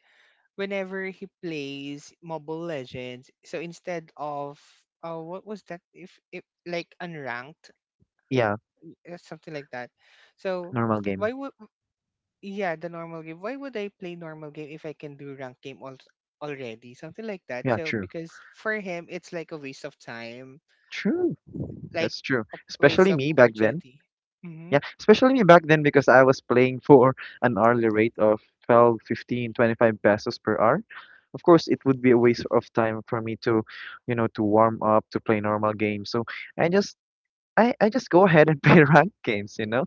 Speaker 1: whenever he plays Mobile Legends, so instead of, what was that? If like unranked,
Speaker 2: Yeah,
Speaker 1: something like that. So
Speaker 2: normal game.
Speaker 1: why would, yeah, the normal game? Why would I play normal game if I can do ranked game already? Something like that.
Speaker 2: Yeah,
Speaker 1: So
Speaker 2: true.
Speaker 1: because for him it's like a waste of time,
Speaker 2: True.
Speaker 1: like
Speaker 2: That's true.
Speaker 1: a waste
Speaker 2: Especially
Speaker 1: of
Speaker 2: me back then.
Speaker 1: opportunity. Mm-hmm.
Speaker 2: Yeah, especially me back then because I was playing for an hourly rate of 12, 15, 25 pesos per hour. Of course, it would be a waste of time for me to warm up, to play normal games. So I just I just go ahead and play ranked games.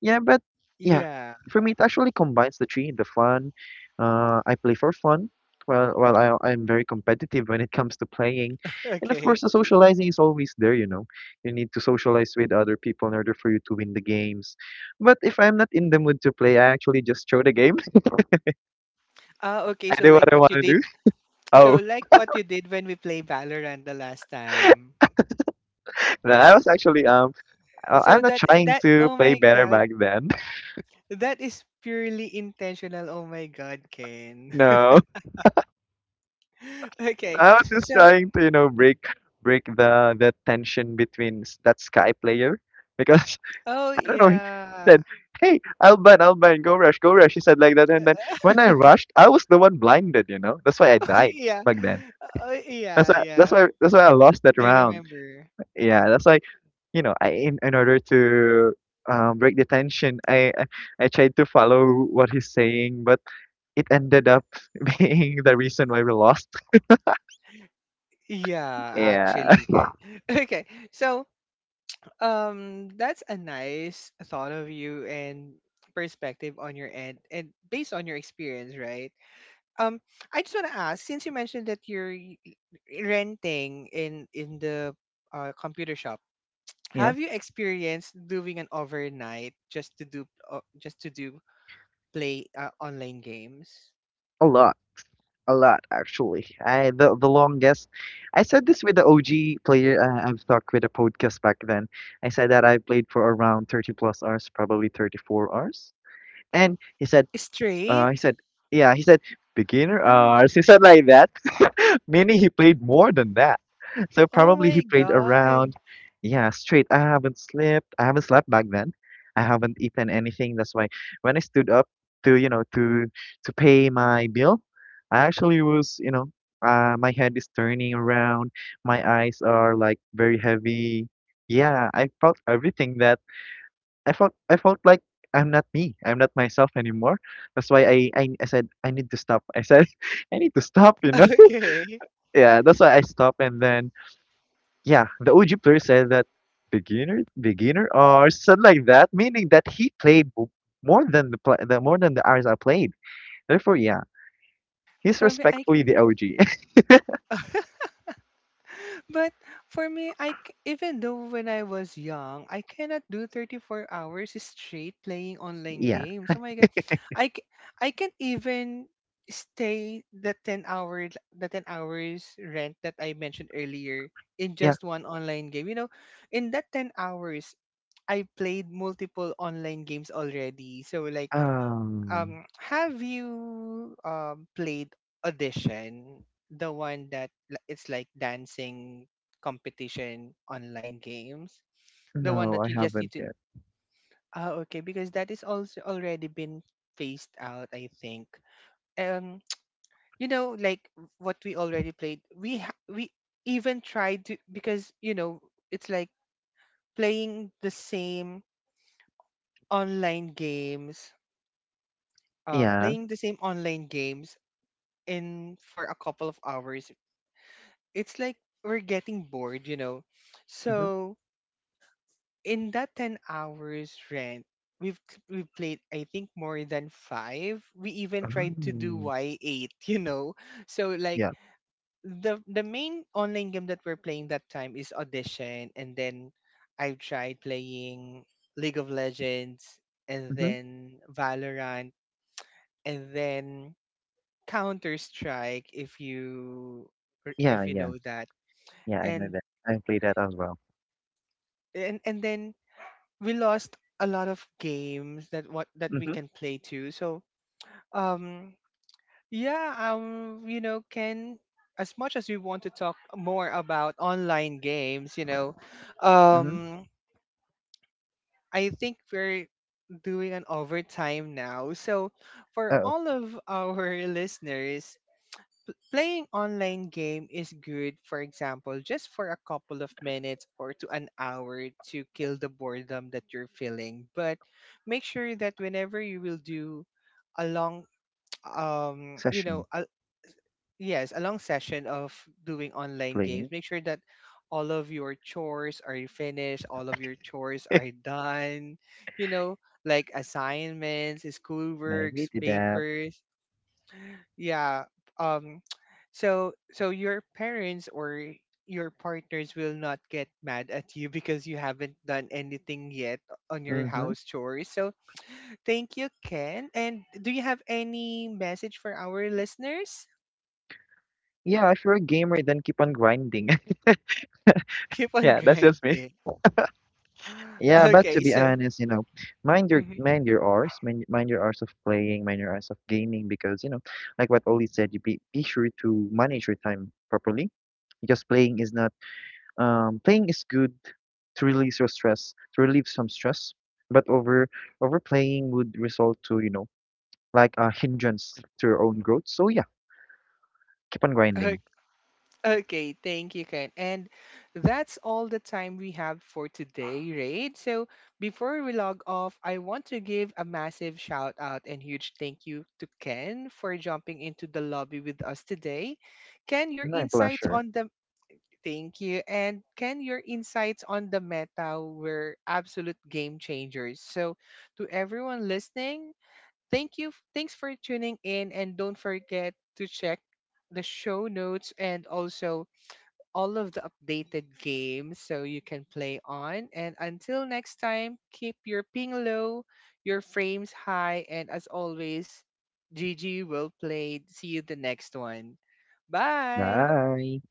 Speaker 2: Yeah, but yeah,
Speaker 1: Yeah.
Speaker 2: for me it actually combines the three, the fun. I play for fun. Well, I'm very competitive when it comes to playing, and of
Speaker 1: Okay.
Speaker 2: course the socializing is always there. You need to socialize with other people in order for you to win the games. But if I'm not in the mood to play, I actually just throw the game.
Speaker 1: Ah, okay.
Speaker 2: I
Speaker 1: So
Speaker 2: do what
Speaker 1: like
Speaker 2: I
Speaker 1: what
Speaker 2: want
Speaker 1: you
Speaker 2: to do.
Speaker 1: did.
Speaker 2: Oh,
Speaker 1: So like what you did when we play Valorant the last time.
Speaker 2: no, I was actually, I'm
Speaker 1: So
Speaker 2: not
Speaker 1: that
Speaker 2: trying
Speaker 1: that
Speaker 2: to
Speaker 1: oh
Speaker 2: play
Speaker 1: my
Speaker 2: better
Speaker 1: god,
Speaker 2: back then.
Speaker 1: that is purely intentional. Oh my god, Ken.
Speaker 2: No.
Speaker 1: Okay.
Speaker 2: I was just
Speaker 1: So
Speaker 2: trying to, break the tension between that Sky player because
Speaker 1: oh
Speaker 2: I don't know. He
Speaker 1: yeah.
Speaker 2: said, "Hey, Alban, Alban, go rush, go rush." He said like that, and then when I rushed, I was the one blinded. That's why I died
Speaker 1: yeah.
Speaker 2: back then.
Speaker 1: Oh
Speaker 2: That's
Speaker 1: yeah,
Speaker 2: why. That's
Speaker 1: yeah.
Speaker 2: why. That's why I lost that
Speaker 1: I
Speaker 2: round.
Speaker 1: remember.
Speaker 2: Yeah, that's why. In order to break the tension, I tried to follow what he's saying, but it ended up being the reason why we lost.
Speaker 1: Yeah,
Speaker 2: Yeah,
Speaker 1: actually, Ken. Okay. So that's a nice thought of you and perspective on your end and based on your experience, right? Um, I just want to ask since you mentioned that renting in the computer shop.
Speaker 2: yeah,
Speaker 1: Have you experienced doing an overnight just to do, play, online games?
Speaker 2: a lot. A lot, actually. I the longest. I said this with the OG player I've talked with a podcast back then. I said that I played for around 30 plus hours, probably 34 hours. And he said, uh, he
Speaker 1: Straight?
Speaker 2: said, yeah, he said beginner
Speaker 1: Oh my!
Speaker 2: hours. He said like that. Meaning he played more than that. So
Speaker 1: Oh
Speaker 2: probably he
Speaker 1: my
Speaker 2: played
Speaker 1: God!
Speaker 2: around, yeah, straight. I haven't slept. I haven't slept back then. I haven't eaten anything. That's why when I stood up to, you know, to pay my bill, I actually was, my head is turning around. My eyes are like very heavy. Yeah, I felt everything that I felt. I felt like I'm not me. I'm not myself anymore. That's why I said I need to stop. I said I need to stop.
Speaker 1: Okay.
Speaker 2: Yeah, that's why I stopped, and then yeah, the OG player said that beginner or something like that, meaning that he played more than the hours I played. Therefore, yeah, he's
Speaker 1: For me, I
Speaker 2: respectfully the OG.
Speaker 1: But for me, I even though when I was young, I cannot do 34 hours straight playing online
Speaker 2: Yeah,
Speaker 1: games. Oh my god. I c- I can't even stay the 10 hours, the 10 hours rent that I mentioned earlier, in
Speaker 2: yeah.
Speaker 1: just one online game. You know, in that 10 hours I played multiple online games already. So like
Speaker 2: Um,
Speaker 1: um, have you played audition, the one that it's like dancing competition online games, the one
Speaker 2: no,
Speaker 1: that
Speaker 2: I
Speaker 1: you just
Speaker 2: haven't
Speaker 1: need to,
Speaker 2: yet.
Speaker 1: ah, okay, because that is also already been phased out, I think. Um you know, like what we already played, we ha- we even tried to, because you know, it's like playing the same online games, uh,
Speaker 2: Yeah.
Speaker 1: playing the same online games in for a couple of hours, it's like we're getting bored, you know.
Speaker 2: Mm-hmm.
Speaker 1: So in that 10 hours rent, we played I think more than five. We even tried to do
Speaker 2: Mm.
Speaker 1: Y eight, you know. So like
Speaker 2: Yeah.
Speaker 1: the main online game that we're playing that time is Audition, and then I've tried playing League of Legends, and
Speaker 2: Mm-hmm.
Speaker 1: then Valorant, and then Counter Strike. If you
Speaker 2: Yeah,
Speaker 1: if you
Speaker 2: yeah,
Speaker 1: know that.
Speaker 2: yeah. I know
Speaker 1: and
Speaker 2: that. I played that as well.
Speaker 1: and and then we lost a lot of games that what that we
Speaker 2: Mm-hmm.
Speaker 1: can play too. So um yeah, um, you know, can as much as we want to talk more about online games, you know,
Speaker 2: Mm-hmm.
Speaker 1: um, I think we're doing an overtime now. So for
Speaker 2: Oh,
Speaker 1: all of our listeners, playing online game is good, for example, just for a couple of minutes or to an hour to kill the boredom that you're feeling, but make sure that whenever you will do a long um, you know,
Speaker 2: session
Speaker 1: a, yes, a long session of doing online
Speaker 2: playing.
Speaker 1: games, make sure that all of your chores are finished, all of your chores are done, you know, like assignments,
Speaker 2: Maybe
Speaker 1: schoolworks,
Speaker 2: did that.
Speaker 1: papers, yeah, um, so so your parents or your partners will not get mad at you because you haven't done anything yet on your
Speaker 2: Mm-hmm.
Speaker 1: house chores. So thank you, Ken, and do you have any message for our listeners?
Speaker 2: Yeah, if you're a gamer, then keep on grinding.
Speaker 1: Keep on
Speaker 2: Yeah, that's just me.
Speaker 1: grinding.
Speaker 2: Yeah, but to
Speaker 1: Okay,
Speaker 2: be
Speaker 1: so
Speaker 2: honest, mind your
Speaker 1: Mhm.
Speaker 2: mind your hours, mind your hours of playing, mind your hours of gaming, because like what Oli said, you be sure to manage your time properly. Because playing is not playing is good to release your stress, to relieve some stress, but overplaying would result to like a hindrance to your own growth. So yeah, keep on grinding.
Speaker 1: Okay, thank you, Ken. And that's all the time we have for today, Raid. So before we log off, I want to give a massive shout out and huge thank you to Ken for jumping into the lobby with us today. Ken, your
Speaker 2: My
Speaker 1: insights
Speaker 2: pleasure.
Speaker 1: on the, thank you, and Ken, your insights on the meta were absolute game changers. So to everyone listening, thank you. Thanks for tuning in, and don't forget to check the show notes and also all of the updated games so you can play on. And until next time, keep your ping low, your frames high, and as always, GG will play. See you the next one. Bye.
Speaker 2: Bye.